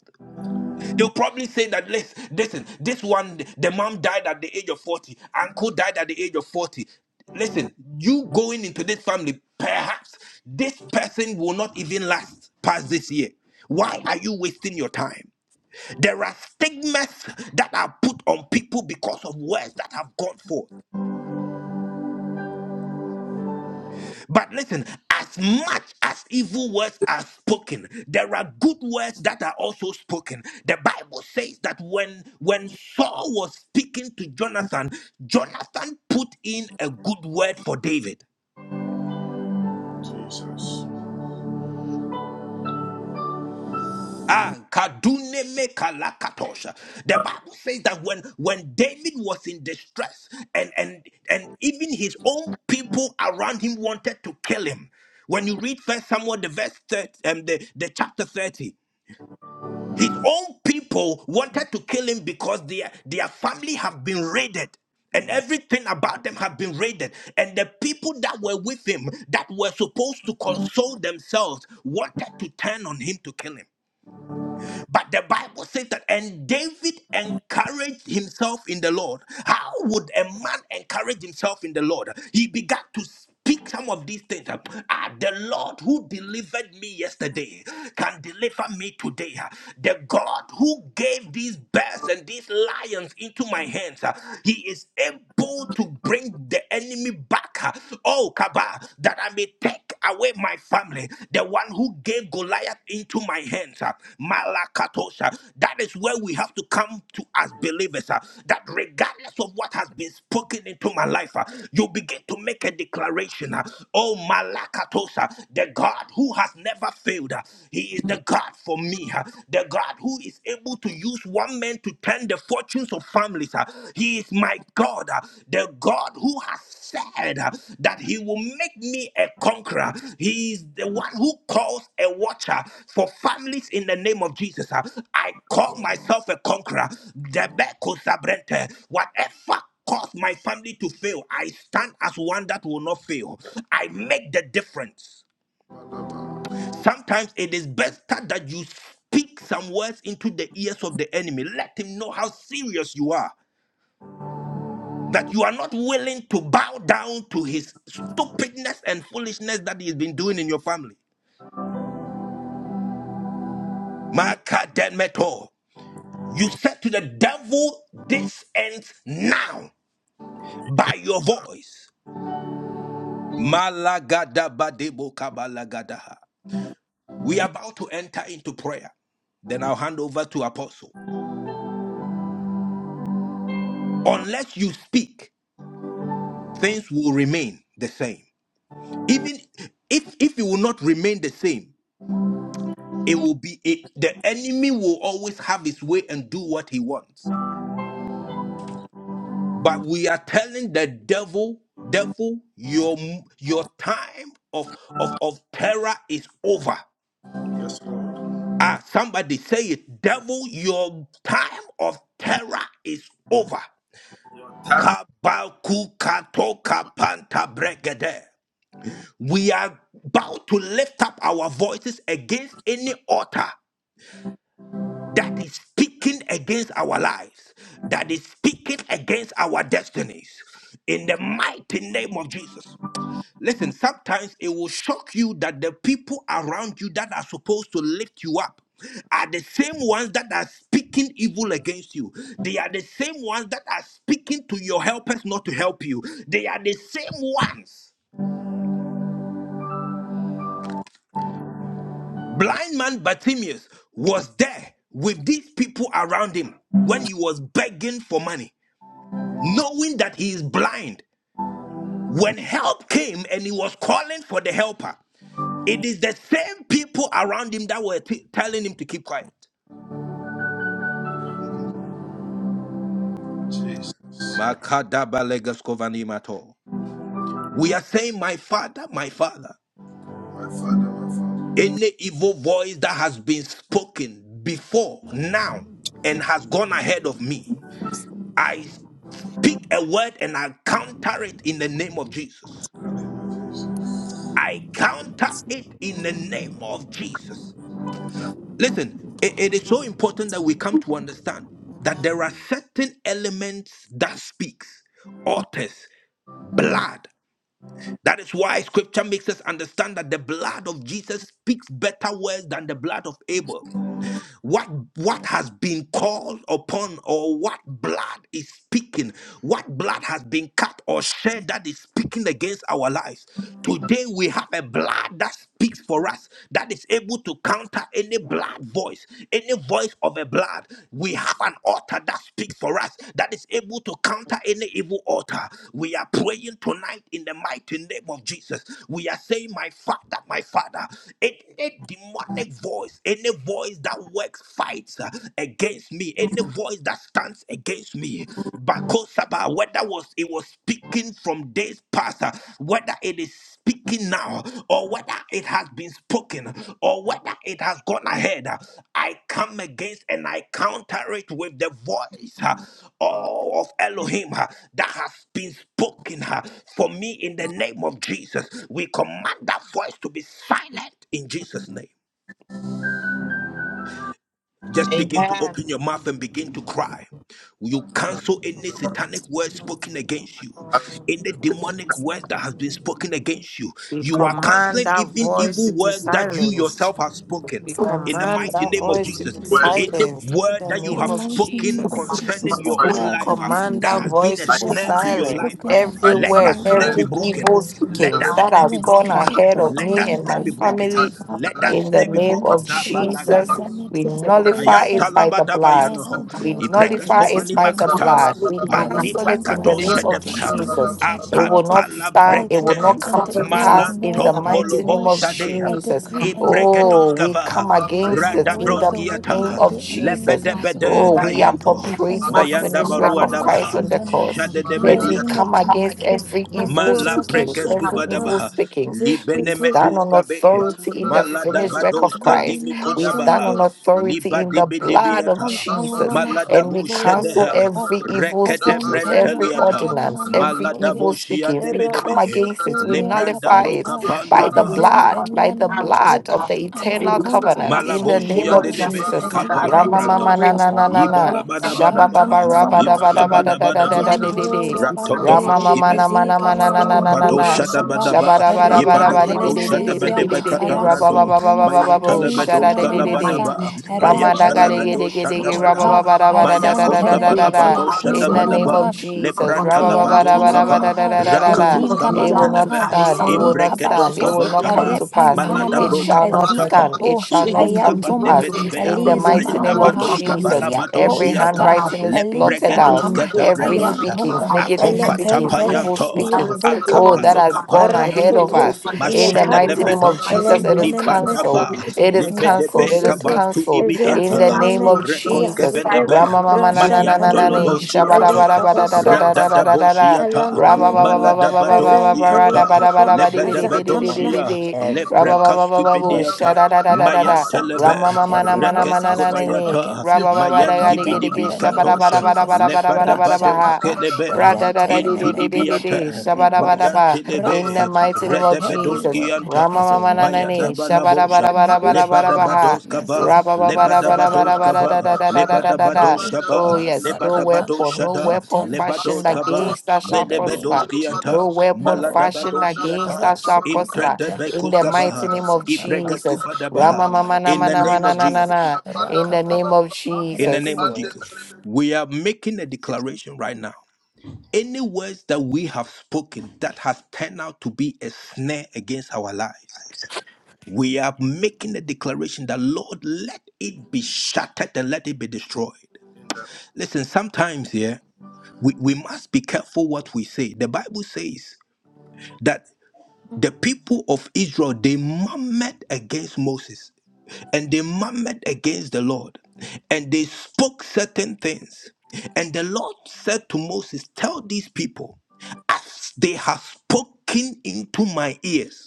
Speaker 2: They'll probably say that, "Lis- listen, this one, the mom died at the age of 40, uncle died at the age of 40. Listen, you going into this family, perhaps this person will not even last past this year. Why are you wasting your time? There are stigmas that are put on people because of words that have gone forth. But listen, as much as evil words are spoken, there are good words that are also spoken. The Bible says that when when Saul was speaking to Jonathan, Jonathan put in a good word for David.
Speaker 1: Jesus.
Speaker 2: Ah, kadune me kalakatosha. The Bible says that when when David was in distress and and and even his own people around him wanted to kill him. When you read First Samuel, the verse 30, um, the, the chapter thirty, His own people wanted to kill him because their, their family have been raided. And everything about them have been raided. And the people that were with him, that were supposed to console themselves, wanted to turn on him to kill him. But the Bible says that, and David encouraged himself in the Lord. How would a man encourage himself in the Lord? He began to speak some of these things. Ah, the Lord who delivered me yesterday can deliver me today. The God who gave these bears and these lions into my hands, ah, He is able to bring the enemy back. Ah, Oh, Kaba, that I may take take away my family, the one who gave Goliath into my hands. uh, Malakatos. uh, That is where we have to come to as believers. uh, That regardless of what has been spoken into my life, uh, you begin to make a declaration. uh, Oh, Malakatos, uh, the God who has never failed. uh, He is the God for me, uh, the God who is able to use one man to turn the 40 fortunes of families. uh, He is my God, uh, the God who has said uh, that He will make me a conqueror. He is the one who calls a watcher for families in the name of Jesus. uh, I call myself a conqueror. Debeko Sabrente, Whatever cause my family to fail, I stand as one that will not fail. I make the difference. Sometimes it is better that you speak some words into the ears of the enemy. Let him know how serious you are that you are not willing to bow down to his stupidness and foolishness that he's been doing in your family. Makademeto. You said to the devil, This ends now by your voice. Malagadabadebo kabalagadaha. We are about to enter into prayer. Then I'll hand over to Apostle. Unless you speak, things will remain the same. Even if, if it will not remain the same, it will be it, the enemy will always have his way and do what he wants but we are telling the devil devil your your time of of of terror is over
Speaker 1: Yes, Lord.
Speaker 2: ah somebody say it devil your time of terror is over
Speaker 1: Time.
Speaker 2: Kabaku katoka panta bregede. we are about to lift up our voices against any altar that is speaking against our lives, that is speaking against our destinies. In the mighty name of Jesus. Listen, sometimes it will shock you that the people around you that are supposed to lift you up are the same ones that are speaking evil against you. They are the same ones that are speaking to your helpers not to help you. They are the same ones. Blind man Bartimaeus was there with these people around him when he was begging for money. knowing that he is blind. When help came and he was calling for the helper, it is the same people around him that were t- telling him to keep quiet.
Speaker 1: Jesus.
Speaker 2: Makadabalegeskovandimato. We are saying, My father, my father,
Speaker 1: My Father, my Father.
Speaker 2: any evil voice that has been spoken before, now, and has gone ahead of me, I speak a word and I counter it in the name of Jesus.
Speaker 1: In the name of Jesus.
Speaker 2: I counter it in the name of Jesus.
Speaker 1: That
Speaker 2: Listen, it, it is so important that we come to understand that there are certain elements that speaks, authors, blood. That is why scripture makes us understand that the blood of Jesus speaks better words than the blood of Abel what what has been called upon or what blood is speaking what blood has been cut or shed that is speaking against our lives today we have a blood that speaks for us that is able to counter any blood voice any voice of a blood we have an altar that speaks for us that is able to counter any evil altar we are praying tonight in the mighty name of jesus we are saying my father my father any demonic voice any voice that works fights uh, against me, any voice that stands against me, Bakosaba, whether was it was speaking from days past, uh, whether it is speaking now, or whether it has been spoken, or whether it has gone ahead, uh, I come against and I counter it with the voice uh, oh, of Elohim uh, that has been spoken uh, for me in the name of Jesus. We command that voice to be silent in Jesus' name. Just begin to
Speaker 3: Amen.
Speaker 2: open your mouth and begin to cry. You cancel any satanic word spoken against you,
Speaker 1: cancel
Speaker 2: any
Speaker 1: every
Speaker 2: demonic
Speaker 1: satanic
Speaker 2: word that has been spoken against you.
Speaker 5: we
Speaker 2: You are
Speaker 5: command
Speaker 2: canceling
Speaker 5: that
Speaker 2: even
Speaker 5: voice
Speaker 2: evil
Speaker 5: to be
Speaker 2: words that you
Speaker 5: silenced.
Speaker 2: yourself have spoken.
Speaker 5: We
Speaker 1: demonic
Speaker 2: In the
Speaker 5: command
Speaker 2: mighty
Speaker 5: that
Speaker 2: name of
Speaker 5: voice to
Speaker 2: Jesus,
Speaker 5: be
Speaker 1: word
Speaker 2: any
Speaker 1: that
Speaker 5: silenced. In
Speaker 2: word
Speaker 5: the
Speaker 2: that
Speaker 6: In
Speaker 2: you
Speaker 6: the
Speaker 5: name
Speaker 2: have
Speaker 5: of
Speaker 6: mighty
Speaker 2: spoken
Speaker 6: name of
Speaker 5: Jesus.
Speaker 1: by the
Speaker 2: concerning
Speaker 6: Jesus,
Speaker 2: your
Speaker 6: oh
Speaker 1: power in the
Speaker 2: own
Speaker 5: We
Speaker 6: God,
Speaker 2: life uh,
Speaker 6: every
Speaker 5: command
Speaker 2: that
Speaker 5: that
Speaker 6: evil
Speaker 2: has been
Speaker 5: voice
Speaker 2: a
Speaker 5: to
Speaker 1: I
Speaker 5: be
Speaker 6: word
Speaker 2: snare
Speaker 6: has
Speaker 2: to
Speaker 6: been
Speaker 2: your
Speaker 1: cancel it.
Speaker 5: silenced.
Speaker 2: life, uh,
Speaker 6: spoken
Speaker 5: Every
Speaker 1: I
Speaker 2: let
Speaker 6: against
Speaker 2: that
Speaker 5: word,
Speaker 6: me,
Speaker 4: Yesu
Speaker 1: cancel
Speaker 2: snare
Speaker 6: Lord,
Speaker 1: it.
Speaker 2: be
Speaker 5: every
Speaker 2: broken.
Speaker 4: Montoya
Speaker 5: evil
Speaker 2: Let
Speaker 4: wakari
Speaker 1: Cancel
Speaker 5: speakings
Speaker 2: that
Speaker 1: it.
Speaker 5: that
Speaker 2: snare
Speaker 6: through
Speaker 5: has
Speaker 2: be
Speaker 6: an
Speaker 5: gone
Speaker 4: wakavunda
Speaker 2: broken.
Speaker 6: agent,
Speaker 5: ahead
Speaker 6: through a
Speaker 5: of
Speaker 4: yabasiye
Speaker 2: Let
Speaker 5: me
Speaker 2: that
Speaker 6: man,
Speaker 5: and
Speaker 6: through
Speaker 2: snare
Speaker 4: miti
Speaker 5: my
Speaker 2: be
Speaker 6: an
Speaker 2: broken.
Speaker 6: altar,
Speaker 5: family,
Speaker 6: Father
Speaker 2: Let that
Speaker 6: God,
Speaker 5: in
Speaker 6: in
Speaker 5: the
Speaker 2: snare
Speaker 6: the
Speaker 2: be
Speaker 5: name
Speaker 6: name of
Speaker 5: of
Speaker 2: broken.
Speaker 6: Jesus, I
Speaker 4: yabakiri
Speaker 5: Jesus,
Speaker 6: condemn it.
Speaker 5: we
Speaker 4: basura
Speaker 6: For you
Speaker 5: nullify
Speaker 6: said
Speaker 2: Kayanta
Speaker 5: it
Speaker 4: yabasiye
Speaker 5: by
Speaker 6: that
Speaker 5: the
Speaker 4: Montoya
Speaker 5: blood.
Speaker 6: I
Speaker 2: labadabayanoho.
Speaker 4: mama
Speaker 6: have the
Speaker 4: mama
Speaker 5: We
Speaker 4: mama.
Speaker 2: Ibrekes
Speaker 6: authority
Speaker 5: nullify
Speaker 6: to
Speaker 5: it
Speaker 2: kofani
Speaker 5: by the
Speaker 4: The
Speaker 6: condemn
Speaker 2: makata.
Speaker 5: blood.
Speaker 4: evil
Speaker 5: We
Speaker 4: voice that
Speaker 6: every
Speaker 5: cancel
Speaker 4: has
Speaker 2: Pandiba
Speaker 6: tongue
Speaker 5: it
Speaker 6: that
Speaker 5: in the
Speaker 2: kato
Speaker 6: rises
Speaker 4: spoken
Speaker 6: up
Speaker 5: name of
Speaker 4: against me
Speaker 2: shedebeha.
Speaker 6: against
Speaker 4: be
Speaker 6: me in
Speaker 5: Jesus.
Speaker 4: silenced
Speaker 5: It
Speaker 4: in the
Speaker 5: will
Speaker 6: judgment.
Speaker 4: name
Speaker 5: not
Speaker 4: of
Speaker 2: Apampala
Speaker 5: stand.
Speaker 6: I
Speaker 5: It
Speaker 4: Jesus.
Speaker 5: will
Speaker 2: bregede.
Speaker 5: not
Speaker 6: decree and
Speaker 5: come to
Speaker 4: Let
Speaker 6: declare
Speaker 4: any
Speaker 5: pass in
Speaker 4: evil
Speaker 6: null
Speaker 5: the
Speaker 2: Malantom
Speaker 4: voice
Speaker 6: and
Speaker 4: that
Speaker 5: mighty
Speaker 4: is
Speaker 2: bolobo
Speaker 5: name
Speaker 4: not
Speaker 6: void.
Speaker 5: of
Speaker 2: shade.
Speaker 4: spoken
Speaker 6: I
Speaker 4: of my
Speaker 5: Jesus.
Speaker 6: decree
Speaker 4: let it be
Speaker 6: and declare.
Speaker 2: Ipregedos
Speaker 5: Oh,
Speaker 4: silenced.
Speaker 5: we
Speaker 2: kavaha.
Speaker 5: come
Speaker 4: Let it be
Speaker 6: Thy
Speaker 5: against it
Speaker 3: Amen.
Speaker 5: in
Speaker 6: words,
Speaker 5: the
Speaker 4: silenced.
Speaker 6: the
Speaker 4: Let it be
Speaker 6: workings
Speaker 5: name
Speaker 2: Radabroskiata.
Speaker 6: of
Speaker 5: of
Speaker 6: the
Speaker 4: silenced. Let
Speaker 6: enemy
Speaker 3: And
Speaker 5: Jesus.
Speaker 3: you,
Speaker 4: it be
Speaker 3: Lord, for your
Speaker 6: concerning
Speaker 2: Lebedebede
Speaker 5: Oh,
Speaker 4: silenced.
Speaker 6: my
Speaker 5: we
Speaker 6: life,
Speaker 3: government.
Speaker 6: uh,
Speaker 4: Let
Speaker 2: kayanto.
Speaker 4: it
Speaker 3: Thank
Speaker 4: be
Speaker 3: you,
Speaker 6: and
Speaker 5: appropriate the
Speaker 6: this
Speaker 3: Lord,
Speaker 6: set
Speaker 4: silenced
Speaker 2: Mayanda
Speaker 4: in
Speaker 3: for
Speaker 4: the
Speaker 6: time
Speaker 5: finished
Speaker 6: of
Speaker 5: work
Speaker 2: barua
Speaker 4: name
Speaker 3: your
Speaker 5: of
Speaker 4: of
Speaker 6: favor
Speaker 5: Christ
Speaker 2: dabaha.
Speaker 5: on the
Speaker 6: scatter
Speaker 4: Jesus.
Speaker 6: now
Speaker 5: cross.
Speaker 4: Someday
Speaker 3: father.
Speaker 6: in the
Speaker 5: And
Speaker 4: Lord,
Speaker 5: we
Speaker 4: we
Speaker 6: name
Speaker 2: Shadedebediata.
Speaker 6: of
Speaker 4: see
Speaker 5: come
Speaker 4: a man
Speaker 5: against
Speaker 4: tired
Speaker 6: Jesus.
Speaker 4: of
Speaker 5: every
Speaker 6: uh,
Speaker 4: glory
Speaker 5: evil
Speaker 2: Mala
Speaker 5: speakings,
Speaker 2: brekes
Speaker 5: every
Speaker 4: We
Speaker 6: Rakurabashakata,
Speaker 5: evil
Speaker 2: kuvadabaha,
Speaker 4: stand up with
Speaker 5: speakings.
Speaker 4: a sword
Speaker 5: We
Speaker 4: in
Speaker 6: Zekete,
Speaker 4: the
Speaker 5: stand
Speaker 2: libenemetus
Speaker 5: on
Speaker 2: kabe,
Speaker 4: hand. Tired man,
Speaker 5: authority in the
Speaker 4: we give
Speaker 5: finished
Speaker 4: it
Speaker 5: work of
Speaker 2: maladabadoska
Speaker 5: Christ. We stand
Speaker 2: dimikodabaha,
Speaker 6: Rakutu,
Speaker 5: on authority in the blood of
Speaker 4: fire,
Speaker 2: libadibidibiata,
Speaker 4: but
Speaker 6: Ikampala
Speaker 5: Jesus.
Speaker 4: sorry, like a
Speaker 5: And
Speaker 2: maladabu
Speaker 5: we
Speaker 4: man tired
Speaker 6: namansoya
Speaker 5: cancel
Speaker 4: of
Speaker 2: shedeha,
Speaker 4: glory.
Speaker 6: kapa
Speaker 5: every evil speakings,
Speaker 6: azanteria
Speaker 5: every
Speaker 2: rekedebrenteliata,
Speaker 6: kampala
Speaker 5: ordinance, every
Speaker 1: Rabba
Speaker 6: namansoya
Speaker 5: evil
Speaker 2: maladabu
Speaker 5: speakings. We come
Speaker 2: shiandebedebe,
Speaker 5: against it. We
Speaker 6: erabasuturia
Speaker 2: lebranda
Speaker 5: nullify it
Speaker 2: broka
Speaker 6: kapampa
Speaker 3: Thank
Speaker 5: by the
Speaker 2: pandaba.
Speaker 5: blood, by
Speaker 6: ezempenia
Speaker 5: the
Speaker 6: namato
Speaker 5: blood of the eternal
Speaker 6: alakompa
Speaker 5: covenant in the name
Speaker 2: Malaboshi and the
Speaker 5: of
Speaker 6: masantalana
Speaker 2: Debe,
Speaker 5: Jesus.
Speaker 2: Capara
Speaker 5: Rama
Speaker 6: ezitamana
Speaker 5: mama
Speaker 2: Brantos,
Speaker 5: na na na
Speaker 6: makapa
Speaker 5: na na.
Speaker 6: rasa
Speaker 5: Shaba
Speaker 2: Ibalabadabadaba,
Speaker 5: baba raba da ba da ba da da da da
Speaker 2: Ibalabadabadaba,
Speaker 5: da di di di.
Speaker 6: Yandora bante
Speaker 5: Rama
Speaker 2: Ratotoposki
Speaker 5: mama na ma na ma
Speaker 2: Bedos,
Speaker 5: na
Speaker 6: ezikanana
Speaker 5: na na na na
Speaker 2: Cabalabato,
Speaker 5: na.
Speaker 6: mantoria shapa
Speaker 2: Shadabadaba,
Speaker 5: Shaba da ba da ba da ba
Speaker 1: Rabadu
Speaker 5: di bi
Speaker 2: Ibadabato,
Speaker 1: balu
Speaker 5: di di di di
Speaker 1: abanda Bala
Speaker 6: rekentelemezia
Speaker 5: di di
Speaker 2: Shadabadeba,
Speaker 5: di di.
Speaker 1: bala.
Speaker 5: Raba ba
Speaker 2: Catabrando,
Speaker 5: ba ba ba
Speaker 6: aransuntuma
Speaker 5: ba
Speaker 2: Mayan
Speaker 5: ba bo.
Speaker 6: eli
Speaker 5: Shada
Speaker 2: Telebedos,
Speaker 5: di di di di.
Speaker 6: kamanamasa
Speaker 2: Cadabadaba, Mayan
Speaker 6: rempeleneme
Speaker 2: Telebedos,
Speaker 6: i
Speaker 5: Ramadagadigidigidigi,
Speaker 6: apa
Speaker 2: Shadabadaba, Mayakos
Speaker 6: azantele i
Speaker 5: rabababadabadadadadadadada.
Speaker 2: Cavalabato,
Speaker 5: In the name
Speaker 2: Shadabadaba,
Speaker 5: of Jesus.
Speaker 6: Iyan
Speaker 2: Lebrantalabatos
Speaker 3: you.
Speaker 2: Cava,
Speaker 6: tamanamaha,
Speaker 3: We do
Speaker 5: rabababadabadabadadadadadada.
Speaker 2: Rakados
Speaker 6: ezin
Speaker 3: lovely
Speaker 5: It will
Speaker 3: job to
Speaker 5: not
Speaker 6: tamanamaha,
Speaker 2: Cavantelebe,
Speaker 3: God. We
Speaker 5: stand. It will
Speaker 3: sorrow.
Speaker 5: not
Speaker 3: We
Speaker 2: Ibreketos
Speaker 5: stand. It
Speaker 3: just
Speaker 6: elikabaso,
Speaker 5: will
Speaker 3: speak
Speaker 5: not come to
Speaker 2: Cavantaba.
Speaker 3: languages in
Speaker 5: pass.
Speaker 3: the
Speaker 2: Malada
Speaker 3: mighty
Speaker 6: arepampanama,
Speaker 5: It
Speaker 2: broka
Speaker 3: name
Speaker 5: shall not
Speaker 3: of
Speaker 2: patapa.
Speaker 5: stand.
Speaker 3: Jesus.
Speaker 5: It
Speaker 6: ezikato,
Speaker 5: shall
Speaker 3: Speak
Speaker 5: not
Speaker 3: and
Speaker 2: Izusa
Speaker 5: come
Speaker 3: please
Speaker 5: to
Speaker 2: van de
Speaker 6: ayatoma,
Speaker 3: bring to
Speaker 5: pass.
Speaker 3: mind the
Speaker 2: bedebeha.
Speaker 5: In the
Speaker 3: from the
Speaker 6: eliza
Speaker 3: into
Speaker 5: mighty
Speaker 3: the
Speaker 2: Ayada
Speaker 5: name
Speaker 3: belief
Speaker 5: of
Speaker 6: manamaha,
Speaker 3: of
Speaker 2: bados
Speaker 3: what we see
Speaker 5: Jesus,
Speaker 2: kabala
Speaker 3: in
Speaker 2: bados
Speaker 5: every
Speaker 3: things in
Speaker 2: yanta.
Speaker 6: ayakosata,
Speaker 3: God.
Speaker 5: handwriting is blotted
Speaker 3: We are
Speaker 2: Lebregedos
Speaker 5: out.
Speaker 3: going to
Speaker 6: elizantama,
Speaker 3: do it. We are Speak
Speaker 5: Every
Speaker 3: and
Speaker 2: ketabrendosa.
Speaker 3: please for
Speaker 5: speakings,
Speaker 6: ayantoma,
Speaker 3: our
Speaker 5: negative
Speaker 3: finances
Speaker 5: speakings,
Speaker 3: for
Speaker 2: Akopatapa
Speaker 3: God.
Speaker 6: elepempele,
Speaker 5: evil
Speaker 3: We
Speaker 2: yanto.
Speaker 5: speakings,
Speaker 3: silence every
Speaker 5: oh,
Speaker 3: voice
Speaker 6: iyakontamana,
Speaker 5: that
Speaker 3: of
Speaker 5: has
Speaker 3: God.
Speaker 5: gone
Speaker 2: Akapalokapata
Speaker 3: Every
Speaker 5: ahead
Speaker 2: yanto.
Speaker 5: of
Speaker 3: negative
Speaker 6: arasoto,
Speaker 5: us.
Speaker 3: voice that
Speaker 5: In
Speaker 3: speak
Speaker 5: the
Speaker 3: and
Speaker 2: Mashede de
Speaker 5: mighty
Speaker 6: iyakapa,
Speaker 3: please
Speaker 5: name
Speaker 3: in
Speaker 5: of
Speaker 3: the
Speaker 1: Ibada
Speaker 2: bedosa.
Speaker 1: bada
Speaker 3: mighty
Speaker 1: bada
Speaker 5: Jesus, it
Speaker 3: name
Speaker 1: bada
Speaker 5: is
Speaker 3: of
Speaker 1: bada
Speaker 3: Jesus.
Speaker 6: elempeneneme,
Speaker 2: Libanda
Speaker 3: Every
Speaker 5: cancelled.
Speaker 2: ba.
Speaker 3: negative
Speaker 5: It is
Speaker 3: voice that's
Speaker 5: cancelled.
Speaker 3: going
Speaker 2: Libedebe
Speaker 5: It
Speaker 3: to
Speaker 5: is
Speaker 3: and
Speaker 6: iyakosoto,
Speaker 3: please.
Speaker 2: kabantu
Speaker 5: cancelled
Speaker 3: We
Speaker 2: dibi
Speaker 1: Jesus,
Speaker 3: can't
Speaker 5: in
Speaker 2: anta.
Speaker 5: the
Speaker 1: my
Speaker 3: stand for
Speaker 5: name
Speaker 6: ezentemeneme,
Speaker 5: of
Speaker 3: the
Speaker 2: Rekos
Speaker 3: voices. We
Speaker 5: Jesus,
Speaker 6: iyazuku,
Speaker 3: silence
Speaker 2: kevendebe.
Speaker 3: the voices
Speaker 5: Ramamamana
Speaker 3: in the mighty
Speaker 6: rashantamana,
Speaker 5: nananane,
Speaker 3: name of
Speaker 5: Shabara
Speaker 3: Jesus.
Speaker 2: Mayantoloboshiante,
Speaker 5: bara
Speaker 3: We
Speaker 5: bara
Speaker 6: alikabaso,
Speaker 5: bara bara
Speaker 3: can't
Speaker 5: bara bara,
Speaker 2: Radadaboshiata,
Speaker 6: Elampananama
Speaker 5: Ramabababababababababara
Speaker 6: Azantelia
Speaker 2: Maladabadoshianta,
Speaker 5: bara
Speaker 6: Kappa
Speaker 5: bara bara di bi di bi di di di
Speaker 6: Azantamana
Speaker 5: di
Speaker 2: Lebedebedoshia,
Speaker 5: di,
Speaker 6: every word
Speaker 5: Ramabababababusha
Speaker 2: Leprecascupidiata.
Speaker 5: bara bara
Speaker 6: Lapa
Speaker 5: bara,
Speaker 2: Mayantelebe,
Speaker 6: Santa
Speaker 5: Ramamamana
Speaker 6: every
Speaker 5: mana
Speaker 6: voice
Speaker 5: mana
Speaker 6: has risen up
Speaker 5: nanane,
Speaker 2: Reketskobayata,
Speaker 6: against me.
Speaker 5: Ramababada
Speaker 6: I
Speaker 5: gadi
Speaker 6: condemn
Speaker 5: gadi
Speaker 6: in
Speaker 2: Mayandibidibi
Speaker 6: the name
Speaker 5: gishabara
Speaker 6: of
Speaker 5: bara
Speaker 2: Katosha,
Speaker 5: bara
Speaker 6: Jesus.
Speaker 5: bara bara bara bara, ba
Speaker 6: Rasha
Speaker 2: Lepadabados
Speaker 5: ha.
Speaker 6: Kappa
Speaker 2: Kelebe,
Speaker 5: Ra da da da di
Speaker 2: Into
Speaker 5: di di di
Speaker 6: Ezentelemeke
Speaker 5: di di,
Speaker 2: Dibiata,
Speaker 6: every
Speaker 5: Shabara bara
Speaker 6: voice
Speaker 5: bara. In the
Speaker 2: Mayantelebe,
Speaker 5: mighty
Speaker 6: Ratsakata
Speaker 5: name of
Speaker 6: every
Speaker 5: Jesus,
Speaker 6: word
Speaker 2: Redebedoskianta,
Speaker 6: has risen
Speaker 5: Ramamamana
Speaker 6: up
Speaker 5: nanane,
Speaker 6: against uh,
Speaker 5: Shabara
Speaker 6: my
Speaker 5: bara
Speaker 2: Mayadabalabosha.
Speaker 5: bara bara bara
Speaker 6: marriage,
Speaker 5: bara
Speaker 6: my
Speaker 5: bara.
Speaker 2: Lebadabados kava,
Speaker 6: finances, my set time
Speaker 2: lebadabados
Speaker 6: of
Speaker 2: kava,
Speaker 6: favor, my
Speaker 5: Rabba-ba-ba-da-ba-da-ba-da-ba-da-da-da-da-da-da-da-da.
Speaker 2: lebadabados
Speaker 6: glory,
Speaker 2: shava,
Speaker 5: Oh, yes. No
Speaker 6: Masakata
Speaker 2: lebadabados
Speaker 5: weapon,
Speaker 6: be
Speaker 5: no
Speaker 2: shada,
Speaker 5: weapon
Speaker 6: condemned,
Speaker 5: fashioned
Speaker 2: lebados
Speaker 6: scattered
Speaker 2: kava,
Speaker 5: against us shall
Speaker 6: in the name
Speaker 2: melebedos
Speaker 5: prosper.
Speaker 6: of Jesus,
Speaker 5: No
Speaker 2: kianta,
Speaker 5: weapon
Speaker 6: no
Speaker 5: fashioned
Speaker 2: maladabados
Speaker 6: weapon,
Speaker 5: against
Speaker 2: yata,
Speaker 5: us shall prosper.
Speaker 2: imtrete
Speaker 6: Rasukagantia,
Speaker 5: In
Speaker 2: bekus
Speaker 5: the
Speaker 6: fashioned
Speaker 5: mighty
Speaker 2: kava,
Speaker 5: name
Speaker 6: against
Speaker 5: of
Speaker 6: us shall
Speaker 2: ipregas
Speaker 6: prosper.
Speaker 5: Jesus.
Speaker 6: In
Speaker 5: Rama
Speaker 6: the
Speaker 2: kufadabaha.
Speaker 5: mama na
Speaker 6: mighty
Speaker 2: In the
Speaker 5: mana
Speaker 6: name
Speaker 2: name
Speaker 6: of
Speaker 5: mana
Speaker 2: of
Speaker 5: na na
Speaker 6: Jesus,
Speaker 5: na.
Speaker 2: Jesus,
Speaker 5: In the
Speaker 6: Rakapa,
Speaker 5: name of
Speaker 6: and
Speaker 2: in the
Speaker 6: every
Speaker 5: Jesus.
Speaker 2: name of
Speaker 6: word
Speaker 2: Jesus, we are making a declaration right now. Any words that we have spoken that has turned out to be a snare against our lives we are making a declaration that, Lord, let it be shattered and let it be destroyed. Listen, sometimes, here we, we must be careful what we say. The Bible says that the people of Israel, they murmured against Moses and they murmured against the Lord and they spoke certain things. And the Lord said to Moses, Tell these people, as they have spoken into my ears.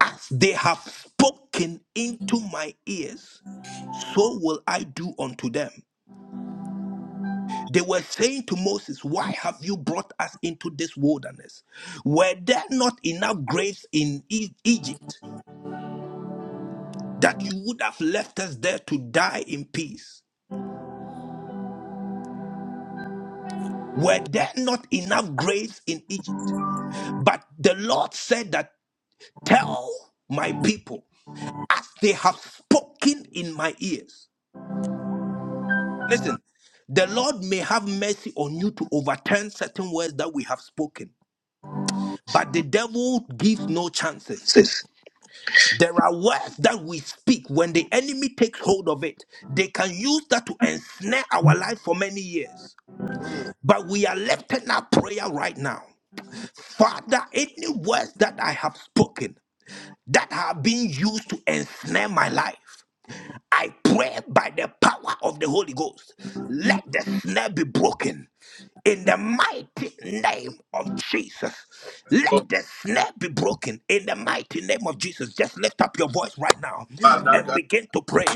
Speaker 2: As they have spoken into my ears, so will I do unto them. They were saying to Moses, Why have you brought us into this wilderness? Were there not enough graves in E- Egypt that you would have left us there to die in peace? Were there not enough graves in Egypt? But the Lord said that, Tell my people, as they have spoken in my ears. Listen, the Lord may have mercy on you to overturn certain words that we have spoken, but the devil gives no chances. There are words that we speak when the enemy takes hold of it, they can use that to ensnare our life for many years. But we are lifting up prayer right now. Father, any words that I have spoken that have been used to ensnare my life, I pray by the power of the Holy Ghost, let the snare be broken. in the mighty name of Jesus. Let the snare be broken in the mighty name of Jesus. Just lift up your voice right now and begin to pray.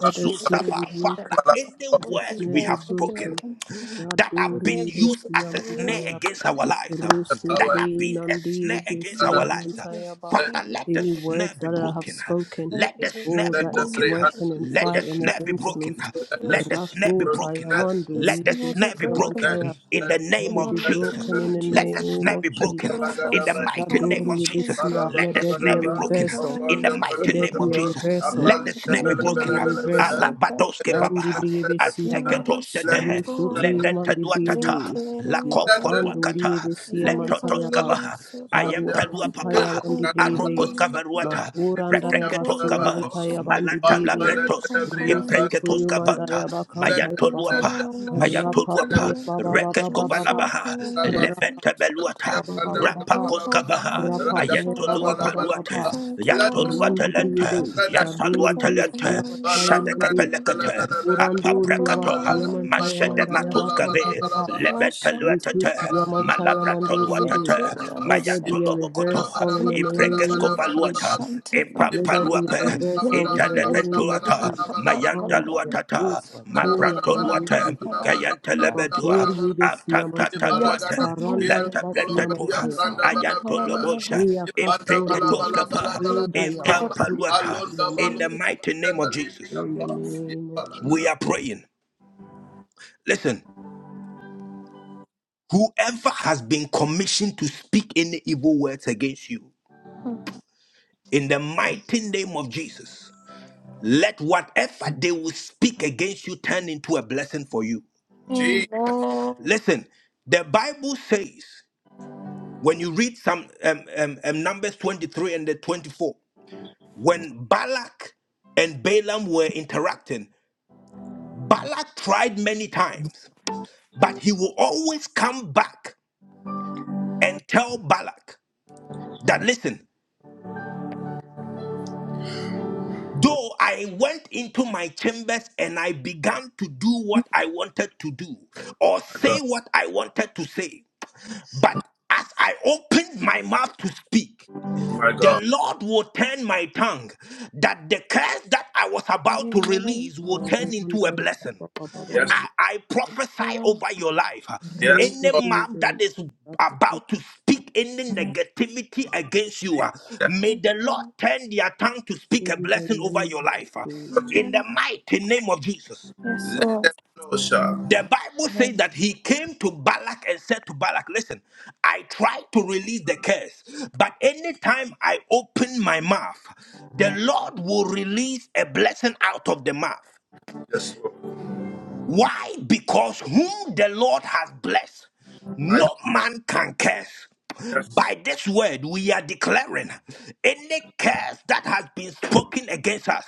Speaker 4: Let the snare
Speaker 2: Safa.
Speaker 4: be
Speaker 6: that
Speaker 4: broken.
Speaker 2: Father,
Speaker 6: has
Speaker 2: any
Speaker 4: Let the
Speaker 2: words
Speaker 6: spoken
Speaker 4: snare
Speaker 2: we
Speaker 4: be
Speaker 6: was
Speaker 2: have
Speaker 6: spoken
Speaker 2: spoken
Speaker 4: broken.
Speaker 6: against us.
Speaker 4: God
Speaker 2: that have
Speaker 6: Lord,
Speaker 4: glory,
Speaker 6: every
Speaker 2: been
Speaker 4: we
Speaker 2: used
Speaker 6: people
Speaker 4: see
Speaker 2: as
Speaker 4: a
Speaker 2: a
Speaker 4: man
Speaker 6: from
Speaker 2: snare
Speaker 6: this,
Speaker 4: tired.
Speaker 2: against
Speaker 6: in
Speaker 2: our lives, uh, that have
Speaker 4: Rusiti
Speaker 2: been a
Speaker 4: Nandi
Speaker 2: snare
Speaker 6: the
Speaker 2: against
Speaker 6: name
Speaker 2: our
Speaker 4: Bisi
Speaker 6: of
Speaker 2: lives. uh,
Speaker 6: Jesus,
Speaker 4: Mantayaba.
Speaker 2: Father,
Speaker 6: every
Speaker 2: let the
Speaker 4: Any
Speaker 6: spoken,
Speaker 2: snare
Speaker 4: words
Speaker 2: be
Speaker 4: that I have
Speaker 2: broken. uh,
Speaker 4: spoken,
Speaker 2: Let
Speaker 6: every
Speaker 2: the
Speaker 6: word
Speaker 2: snare
Speaker 4: oh,
Speaker 6: that
Speaker 2: be
Speaker 4: that
Speaker 6: the
Speaker 4: is
Speaker 6: name
Speaker 2: broken.
Speaker 6: of Jesus,
Speaker 4: working
Speaker 2: uh,
Speaker 4: and
Speaker 2: let the
Speaker 4: fighting
Speaker 2: snare be
Speaker 4: against me.
Speaker 2: broken.
Speaker 6: Lord,
Speaker 2: Let the snare
Speaker 6: shall-
Speaker 2: be
Speaker 4: Rasu
Speaker 2: broken.
Speaker 6: it
Speaker 2: Let
Speaker 4: Tayamanduri
Speaker 2: the
Speaker 6: shall be
Speaker 2: snare
Speaker 4: Bisi
Speaker 2: be
Speaker 6: broken
Speaker 2: broken
Speaker 4: Mantaya.
Speaker 2: in the name
Speaker 4: Let
Speaker 6: in
Speaker 4: it
Speaker 6: the
Speaker 2: of
Speaker 4: be
Speaker 6: mighty
Speaker 4: broken
Speaker 6: name
Speaker 4: in
Speaker 6: of
Speaker 2: Jesus.
Speaker 4: the
Speaker 2: Let the
Speaker 6: Jesus.
Speaker 4: name
Speaker 2: snare be
Speaker 4: of
Speaker 2: broken
Speaker 4: Jesus.
Speaker 2: in the
Speaker 6: Rabasoto
Speaker 2: mighty name of
Speaker 4: Shadori
Speaker 2: Jesus.
Speaker 4: Bisia,
Speaker 6: Mashantara
Speaker 2: Let
Speaker 4: let
Speaker 2: the
Speaker 4: there be
Speaker 2: snare
Speaker 4: a
Speaker 2: be broken
Speaker 4: reversal.
Speaker 6: Vikambalana
Speaker 2: in the
Speaker 4: Let
Speaker 2: mighty
Speaker 4: there
Speaker 2: name of
Speaker 4: be a
Speaker 6: Masoto
Speaker 2: Jesus.
Speaker 4: reversal.
Speaker 2: Let the snare be
Speaker 4: Let there
Speaker 2: broken.
Speaker 4: be a
Speaker 6: Vikambalana
Speaker 4: reversal.
Speaker 6: Masanta
Speaker 2: Alabadoske
Speaker 4: Shandi
Speaker 2: babaha.
Speaker 4: Bribe
Speaker 2: Aseketo sedehe.
Speaker 4: Rusutu
Speaker 2: Let
Speaker 6: Vimabasantoya
Speaker 2: the taduatata.
Speaker 4: Yumandi
Speaker 2: La
Speaker 6: Zintilene Vikampa
Speaker 4: Yakanduri
Speaker 2: kopoduakata.
Speaker 4: Besia
Speaker 2: Let
Speaker 6: Zantamana
Speaker 4: Mantayaba
Speaker 2: totoskabaha. I
Speaker 6: Masoto
Speaker 2: am
Speaker 4: Parua
Speaker 2: Pelua Papa
Speaker 4: Pampaya
Speaker 2: kava,
Speaker 6: Yakumbalana
Speaker 4: Bandibribe
Speaker 2: arokos
Speaker 6: Manta
Speaker 2: kavaruata,
Speaker 4: Makurandaya
Speaker 2: repreketos
Speaker 6: Zanto
Speaker 4: Basia
Speaker 2: kava,
Speaker 4: Mantaya
Speaker 6: Rabasha
Speaker 2: malanta
Speaker 4: Bandibribe
Speaker 6: and
Speaker 2: labrentos,
Speaker 6: Vikambalana
Speaker 4: Rusu
Speaker 2: impreketos
Speaker 6: Masanta
Speaker 2: kavanta,
Speaker 4: Tuyumandayaba Kampayaba
Speaker 2: mayantoluapa,
Speaker 6: Antamana
Speaker 2: mayantoluapa,
Speaker 4: Rapapaya
Speaker 6: Mashantamana
Speaker 4: Baba Baba
Speaker 2: rekes
Speaker 4: Baba
Speaker 2: kovalabaha,
Speaker 6: Mashantamana
Speaker 4: Rapapa
Speaker 2: lebenta
Speaker 6: Masanta
Speaker 2: beluata,
Speaker 4: Baba
Speaker 2: rapakos
Speaker 6: Mako
Speaker 2: kavaha,
Speaker 4: Rapapapapapa,
Speaker 6: Pamana
Speaker 2: ayantoluapa luate,
Speaker 4: rapapapapapapa,
Speaker 6: Amen.
Speaker 2: yantoluate
Speaker 4: randibribe,
Speaker 2: lente, yantaluate
Speaker 4: shadori,
Speaker 2: lente,
Speaker 4: siyamantai mande,
Speaker 2: shadekepelekete, apapre
Speaker 4: urandori yaba,
Speaker 2: Rakato,
Speaker 4: siyamantai
Speaker 2: Mashede
Speaker 4: amanda
Speaker 2: Matos
Speaker 4: yaba,
Speaker 2: Cave,
Speaker 4: let
Speaker 2: Ebenteluatata,
Speaker 4: there
Speaker 2: Malabrantoluatata,
Speaker 4: be a
Speaker 2: Mayantolobokoto,
Speaker 4: reversal in the name of Jesus.
Speaker 2: Iprekeskofaluata,
Speaker 4: Let there be a
Speaker 2: Impamparuape,
Speaker 4: reversal in the name of
Speaker 2: Intelebentuata,
Speaker 4: Jesus. Mandaya
Speaker 2: Mayandaluatata,
Speaker 4: kosa toya
Speaker 2: Mabrantoluate,
Speaker 4: manduri.
Speaker 2: Gayantelebetua,
Speaker 4: Makori yebe mantaya.
Speaker 2: Atatatuate,
Speaker 4: Harandaya basiya
Speaker 2: Letapletetua,
Speaker 4: mantaya ba.
Speaker 2: Ayantolobosha,
Speaker 4: Iya kasurandaya.
Speaker 2: Impreketoskapa,
Speaker 4: Sudaya basuri yebe
Speaker 2: Impamparuata. In the
Speaker 4: mantaya.
Speaker 2: mighty name of Jesus,
Speaker 4: In the name of Jesus.
Speaker 2: we are praying. Listen. Whoever has been commissioned to speak any evil words against you, in the mighty name of Jesus, let whatever they will speak against you turn into a blessing for you. Listen, the Bible says when you read some um, um, um, Numbers 23 and the 24, when Balak and Balaam were interacting, Balak tried many times, but he will always come back and tell Balak that listen, Though I went into my chambers and I began to do what I wanted to do or say
Speaker 1: God,
Speaker 2: what I wanted to say, but as I opened my mouth to speak,
Speaker 1: my
Speaker 2: the
Speaker 1: God,
Speaker 2: Lord will turn my tongue, that the curse that I was about to release
Speaker 6: Amen.
Speaker 2: will turn into a
Speaker 4: Sharandaya
Speaker 2: blessing.
Speaker 4: baba baba
Speaker 1: yes,
Speaker 4: baba.
Speaker 2: I,
Speaker 1: Lord.
Speaker 2: I prophesy
Speaker 6: Amen.
Speaker 2: over your life.
Speaker 1: yes,
Speaker 4: Rendi
Speaker 1: Lord,
Speaker 2: Any mouth that is
Speaker 4: yebe.
Speaker 2: about to speak any negativity against you,
Speaker 1: Jesus,
Speaker 2: uh, may the Lord turn their tongue to
Speaker 4: In
Speaker 2: speak a
Speaker 4: the
Speaker 2: blessing over
Speaker 4: name
Speaker 2: your
Speaker 4: of
Speaker 1: in the
Speaker 2: life. uh,
Speaker 4: Jesus.
Speaker 1: name of Jesus,
Speaker 2: In the
Speaker 6: Amen.
Speaker 2: mighty name of Jesus.
Speaker 6: Yes,
Speaker 1: let
Speaker 6: Lord.
Speaker 1: them know, sir,
Speaker 2: The Bible says
Speaker 6: Amen.
Speaker 2: that he came to Balak and said to Balak, Listen, I tried to release the curse, but anytime I open my mouth, the Lord will release a blessing out of the mouth.
Speaker 1: yes, Lord,
Speaker 2: Why? Because whom the Lord has blessed,
Speaker 1: my God,
Speaker 2: no man can curse.
Speaker 1: yes,
Speaker 2: By this word, we are declaring any curse that has been spoken against us,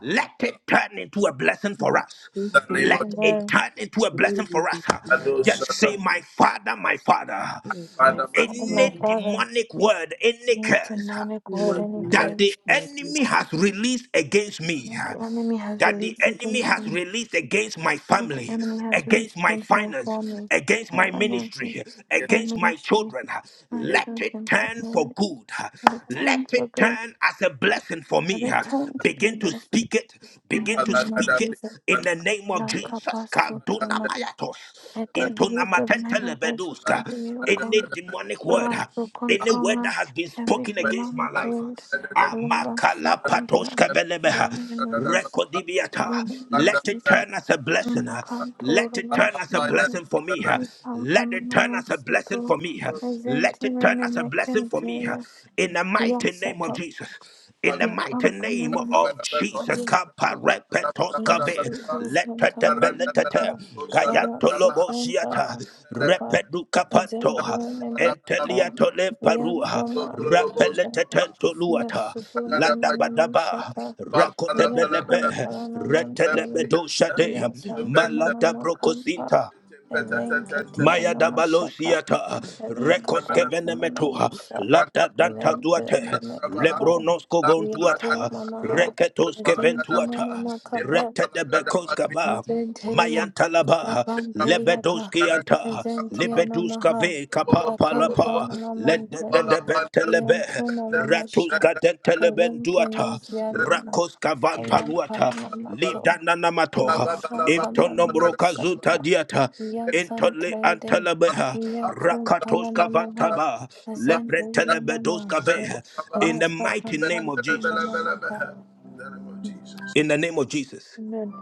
Speaker 2: let it turn into a blessing for
Speaker 4: Lord,
Speaker 2: us.
Speaker 1: in
Speaker 4: Go
Speaker 1: the
Speaker 4: to
Speaker 1: name
Speaker 4: you
Speaker 1: of Jesus,
Speaker 2: Let
Speaker 4: and
Speaker 2: it
Speaker 6: Amen.
Speaker 2: turn into a
Speaker 4: go
Speaker 2: blessing
Speaker 4: live with
Speaker 2: for
Speaker 4: you
Speaker 2: us.
Speaker 4: this
Speaker 1: I
Speaker 4: year.
Speaker 1: do, sir,
Speaker 2: Just say,
Speaker 1: my
Speaker 2: My Father, my Father,
Speaker 4: My
Speaker 6: My
Speaker 4: God,
Speaker 1: Father, my
Speaker 6: Father, my
Speaker 2: any
Speaker 4: Father,
Speaker 6: Father,
Speaker 2: demonic word, any
Speaker 6: any
Speaker 2: curse
Speaker 6: demonic word,
Speaker 4: any
Speaker 6: any
Speaker 1: Father,
Speaker 2: that
Speaker 4: demonic
Speaker 2: the
Speaker 6: curse
Speaker 4: body.
Speaker 2: enemy has released against me
Speaker 6: that the enemy has
Speaker 2: that the
Speaker 6: released
Speaker 2: enemy
Speaker 6: against
Speaker 2: has
Speaker 6: me,
Speaker 2: released against my
Speaker 6: that the
Speaker 2: family,
Speaker 6: enemy has released
Speaker 2: against my
Speaker 6: against my
Speaker 2: finance,
Speaker 6: family,
Speaker 2: against
Speaker 6: my
Speaker 2: my
Speaker 6: finances,
Speaker 2: ministry,
Speaker 6: my
Speaker 2: against my
Speaker 6: ministry,
Speaker 2: children.
Speaker 6: my
Speaker 2: Let it
Speaker 6: children, my
Speaker 2: turn for
Speaker 6: marriage,
Speaker 2: good.
Speaker 6: that it
Speaker 2: Let
Speaker 6: turned for
Speaker 2: it
Speaker 6: good,
Speaker 2: turn as a blessing for
Speaker 6: that
Speaker 2: me.
Speaker 6: it turned to be a
Speaker 2: Begin to
Speaker 6: blessing.
Speaker 2: speak it.
Speaker 6: In the
Speaker 2: Begin to
Speaker 6: name of
Speaker 2: speak it
Speaker 6: Jesus,
Speaker 2: in the name of
Speaker 6: La
Speaker 2: Jesus. Kaduna
Speaker 6: Kapasotoma,
Speaker 2: mayatos.
Speaker 6: let there
Speaker 2: Into
Speaker 6: be a divine reversal
Speaker 2: namatentelebedus.
Speaker 6: today, O
Speaker 2: Any
Speaker 6: God.
Speaker 2: demonic word
Speaker 6: Rasu
Speaker 2: any word
Speaker 6: kontoma
Speaker 2: that has been
Speaker 6: evi
Speaker 2: spoken against my
Speaker 6: demand
Speaker 2: life. uh,
Speaker 6: grid
Speaker 2: ah,
Speaker 6: labatsu
Speaker 2: makala
Speaker 6: kontna
Speaker 2: patoska velebeha,
Speaker 6: divine visa
Speaker 2: rekodibiata.
Speaker 6: demi
Speaker 2: Let it
Speaker 6: matrices
Speaker 2: turn as a blessing. ah. Let
Speaker 6: mkantora
Speaker 2: it turn as a
Speaker 6: vashnanta
Speaker 2: blessing for me. ah. Let
Speaker 6: ikampana
Speaker 2: it turn as a
Speaker 6: namatsuto
Speaker 2: blessing for me. ah.
Speaker 6: ezenti
Speaker 2: Let it turn
Speaker 6: mene
Speaker 2: as a blessing for me. ah.
Speaker 6: mekenteya
Speaker 2: In the mighty name of
Speaker 6: yasata
Speaker 2: Jesus in the mighty
Speaker 6: yakampana
Speaker 2: name of Jesus. Kaparepetos kave
Speaker 6: Yasutu
Speaker 2: letete
Speaker 6: Pantamanaka
Speaker 2: beletete kayantolobo
Speaker 6: Arasukun
Speaker 2: shiata
Speaker 6: Panakapa
Speaker 2: repedu
Speaker 6: Ezempenemekata
Speaker 2: enteliato lemparua
Speaker 6: Yantoma Namantele
Speaker 2: rapeletetento luata
Speaker 6: Yasukun
Speaker 2: ladabadaba
Speaker 6: Tamanamanshata
Speaker 2: rakote
Speaker 6: Yakum
Speaker 2: belebe
Speaker 6: Paranamantel
Speaker 2: retelebedo shade malada
Speaker 6: Yasantamanakampa
Speaker 2: brokosinta
Speaker 6: Elenketi
Speaker 2: Maya
Speaker 6: Anamashaka
Speaker 2: dabalosiata
Speaker 6: Elika
Speaker 2: rekoske venemetoha
Speaker 6: Pantamanamasa
Speaker 2: lada danta duate
Speaker 6: Elempenemekapa
Speaker 2: lebronosko
Speaker 6: Yatu
Speaker 2: vontuata
Speaker 6: Mamaha
Speaker 2: reketoske
Speaker 6: Ezim
Speaker 2: ventuata
Speaker 6: kapa.
Speaker 2: rete de bekoskava
Speaker 6: Mesenteria,
Speaker 2: Mayanta laba
Speaker 6: Yapampeliata,
Speaker 2: lebedoski anta
Speaker 6: Mesentia
Speaker 2: lebeduska
Speaker 6: Namaha,
Speaker 2: ve
Speaker 1: In
Speaker 2: kapa palapa lende de
Speaker 6: Yakampanamantari,
Speaker 2: de bente lebe
Speaker 6: Yantuma Mamasha,
Speaker 2: ratuska dente
Speaker 6: Elenke
Speaker 2: lebenduata
Speaker 6: Menziantaman,
Speaker 2: rakoska vamparuata
Speaker 6: Ayampanamato,
Speaker 2: lidananamato intonombro kazuta
Speaker 6: Yakampanamasanta,
Speaker 1: the
Speaker 2: diata intole
Speaker 6: Yazantelede,
Speaker 2: antalabeha rakatos
Speaker 6: Yakumpanamaha,
Speaker 2: kavataba
Speaker 6: Azenteria
Speaker 2: leprentelebedos
Speaker 6: Namaje,
Speaker 2: kave in the
Speaker 6: Rasta
Speaker 2: mighty name
Speaker 6: Kampan
Speaker 2: of jesus
Speaker 6: Kumanamaka.
Speaker 1: name of Jesus.
Speaker 2: in the name of jesus
Speaker 6: Amen.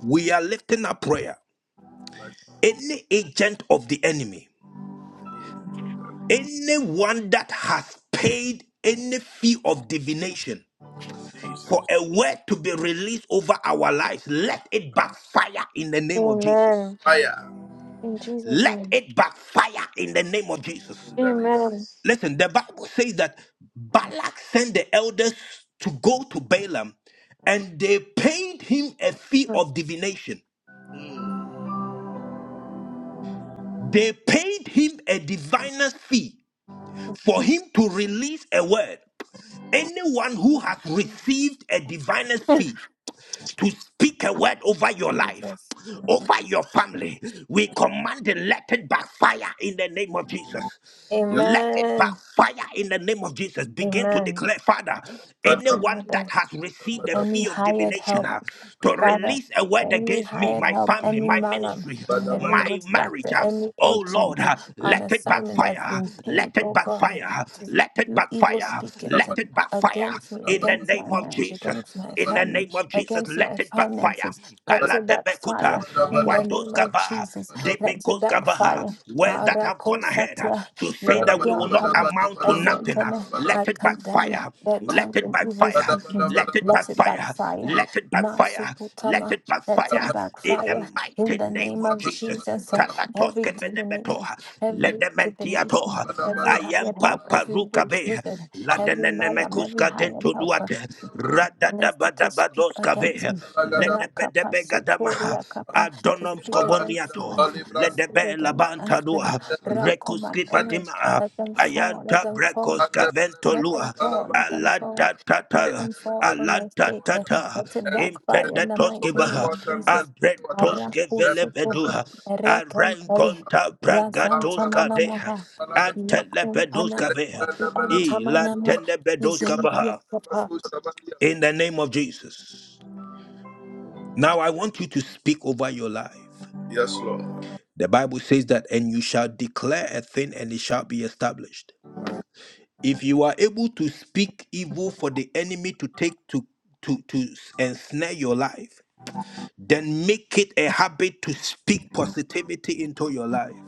Speaker 2: we are lifting up prayer
Speaker 1: Like
Speaker 2: any agent of the enemy
Speaker 1: the
Speaker 2: anyone that has paid any fee of divination
Speaker 1: Jesus.
Speaker 2: for a word to be released over our lives let it
Speaker 1: Like the
Speaker 2: backfire in the name of jesus
Speaker 6: Amen.
Speaker 1: Fire
Speaker 6: In Jesus'
Speaker 2: Let
Speaker 6: name.
Speaker 2: it backfire in the name of Jesus.
Speaker 1: in the name.
Speaker 6: Amen.
Speaker 2: Listen, the Bible says that Balak sent the elders to go to Balaam and they paid him a fee of divination.
Speaker 1: Mm.
Speaker 2: They paid him a diviner's fee for him to release a word. Anyone who has received a diviner's fee to speak a word over your life,
Speaker 6: Jesus.
Speaker 2: over your family. We command and let it backfire in the name of Jesus.
Speaker 1: Yes,
Speaker 2: Let it
Speaker 6: Amen.
Speaker 2: backfire in the name of Jesus. Begin to
Speaker 6: Amen.
Speaker 2: declare, Father, anyone that
Speaker 6: Father,
Speaker 2: has received the
Speaker 6: any
Speaker 2: fee of
Speaker 6: hired
Speaker 2: divination
Speaker 6: help
Speaker 2: uh, to
Speaker 6: Father,
Speaker 2: release a word
Speaker 6: any
Speaker 2: against me,
Speaker 6: hired
Speaker 2: my
Speaker 6: help,
Speaker 2: family,
Speaker 6: any
Speaker 2: my
Speaker 6: malam,
Speaker 2: ministry,
Speaker 1: Lord.
Speaker 6: any
Speaker 2: my
Speaker 6: witch
Speaker 2: marriage,
Speaker 6: doctor,
Speaker 2: uh,
Speaker 6: any
Speaker 2: oh Lord,
Speaker 6: agent
Speaker 2: uh,
Speaker 6: on
Speaker 2: let it
Speaker 6: assignment that's
Speaker 2: backfire.
Speaker 6: been
Speaker 2: Let
Speaker 6: paid,
Speaker 2: it
Speaker 6: oh God,
Speaker 2: backfire.
Speaker 6: to
Speaker 2: Let it
Speaker 6: do evil
Speaker 2: backfire.
Speaker 6: speakings
Speaker 2: Let it backfire
Speaker 6: against me,
Speaker 2: in the
Speaker 6: against
Speaker 2: name
Speaker 6: my
Speaker 2: of
Speaker 6: marriage,
Speaker 2: Jesus
Speaker 6: against my
Speaker 2: In in the
Speaker 6: family,
Speaker 2: name of Jesus,
Speaker 6: against my
Speaker 2: let it backfire.
Speaker 6: finances. Let it
Speaker 2: Kaladebekuta,
Speaker 6: backfire in the name of
Speaker 2: mwadoskava,
Speaker 6: Jesus. Let it
Speaker 2: debekoskava.
Speaker 6: backfire.
Speaker 2: Words that have gone ahead uh,
Speaker 6: Arakosatya,
Speaker 2: to say that we will not
Speaker 6: lekiampala,
Speaker 2: amount to nothing. uh,
Speaker 6: ezentene. I
Speaker 2: Let it
Speaker 6: condemn
Speaker 2: backfire.
Speaker 6: their
Speaker 2: Let
Speaker 6: tongues
Speaker 2: it
Speaker 6: and evil
Speaker 2: backfire.
Speaker 6: speakings.
Speaker 2: Let it
Speaker 6: Let it
Speaker 2: backfire.
Speaker 6: backfire.
Speaker 2: Let it backfire. Let
Speaker 6: Masukutama,
Speaker 2: it
Speaker 6: let it
Speaker 2: backfire. In the
Speaker 6: backfire in
Speaker 2: mighty
Speaker 6: the
Speaker 2: name
Speaker 6: name
Speaker 2: of
Speaker 6: of
Speaker 2: Jesus.
Speaker 6: Jesus. Uh, Every
Speaker 2: Kalatoskevenebeto,
Speaker 6: divination, every divination,
Speaker 2: ledementiato,
Speaker 6: every hired
Speaker 2: ayempa
Speaker 6: help, every witch
Speaker 2: parukabe,
Speaker 6: wizard, every malam, every
Speaker 2: ladenenemekuska
Speaker 6: hired
Speaker 2: dento
Speaker 6: helper
Speaker 2: duate.
Speaker 6: listed to speak against
Speaker 2: Radadabadabadoskabe,
Speaker 6: me. Rakapa
Speaker 2: ledebedebegadamaha,
Speaker 6: sotoria kapa to speak against
Speaker 2: adonomskoboniato,
Speaker 6: feelings, to speak against husband.
Speaker 2: ledebelabantadua,
Speaker 6: Rakoma marriage,
Speaker 2: rekuskifatima,
Speaker 6: let them fall, let
Speaker 2: ayanta
Speaker 6: them fall. Let them fall, let them fall,
Speaker 2: Alanta alanta
Speaker 6: let
Speaker 2: tata,
Speaker 6: them fall for my
Speaker 2: Alanta
Speaker 6: sake. Uh,
Speaker 2: tata.
Speaker 6: Let it backfire in the mighty name
Speaker 2: Impendatoskiva,
Speaker 6: of Jesus.
Speaker 2: abretoske
Speaker 6: Arakusoto,
Speaker 2: brekoskaventolua, alantatata, alantatata, impendetoskibaha, abrentoskevelebedua,
Speaker 6: erekempeli,
Speaker 2: arenkonta bragatoskadeha,
Speaker 6: yazantamanamaha, yakumpana,
Speaker 2: antelebedoskabeha,
Speaker 6: antamanama,
Speaker 2: vaha
Speaker 6: izendiakapa.
Speaker 2: in the name of Jesus. Now I want you to speak over your life.
Speaker 1: Yes, Lord.
Speaker 2: The Bible says that, and you shall declare a thing and it shall be established.
Speaker 6: Mm.
Speaker 2: If you are able to speak evil for the enemy to take to to to s- ensnare your life, then make it a habit to speak positivity into your life.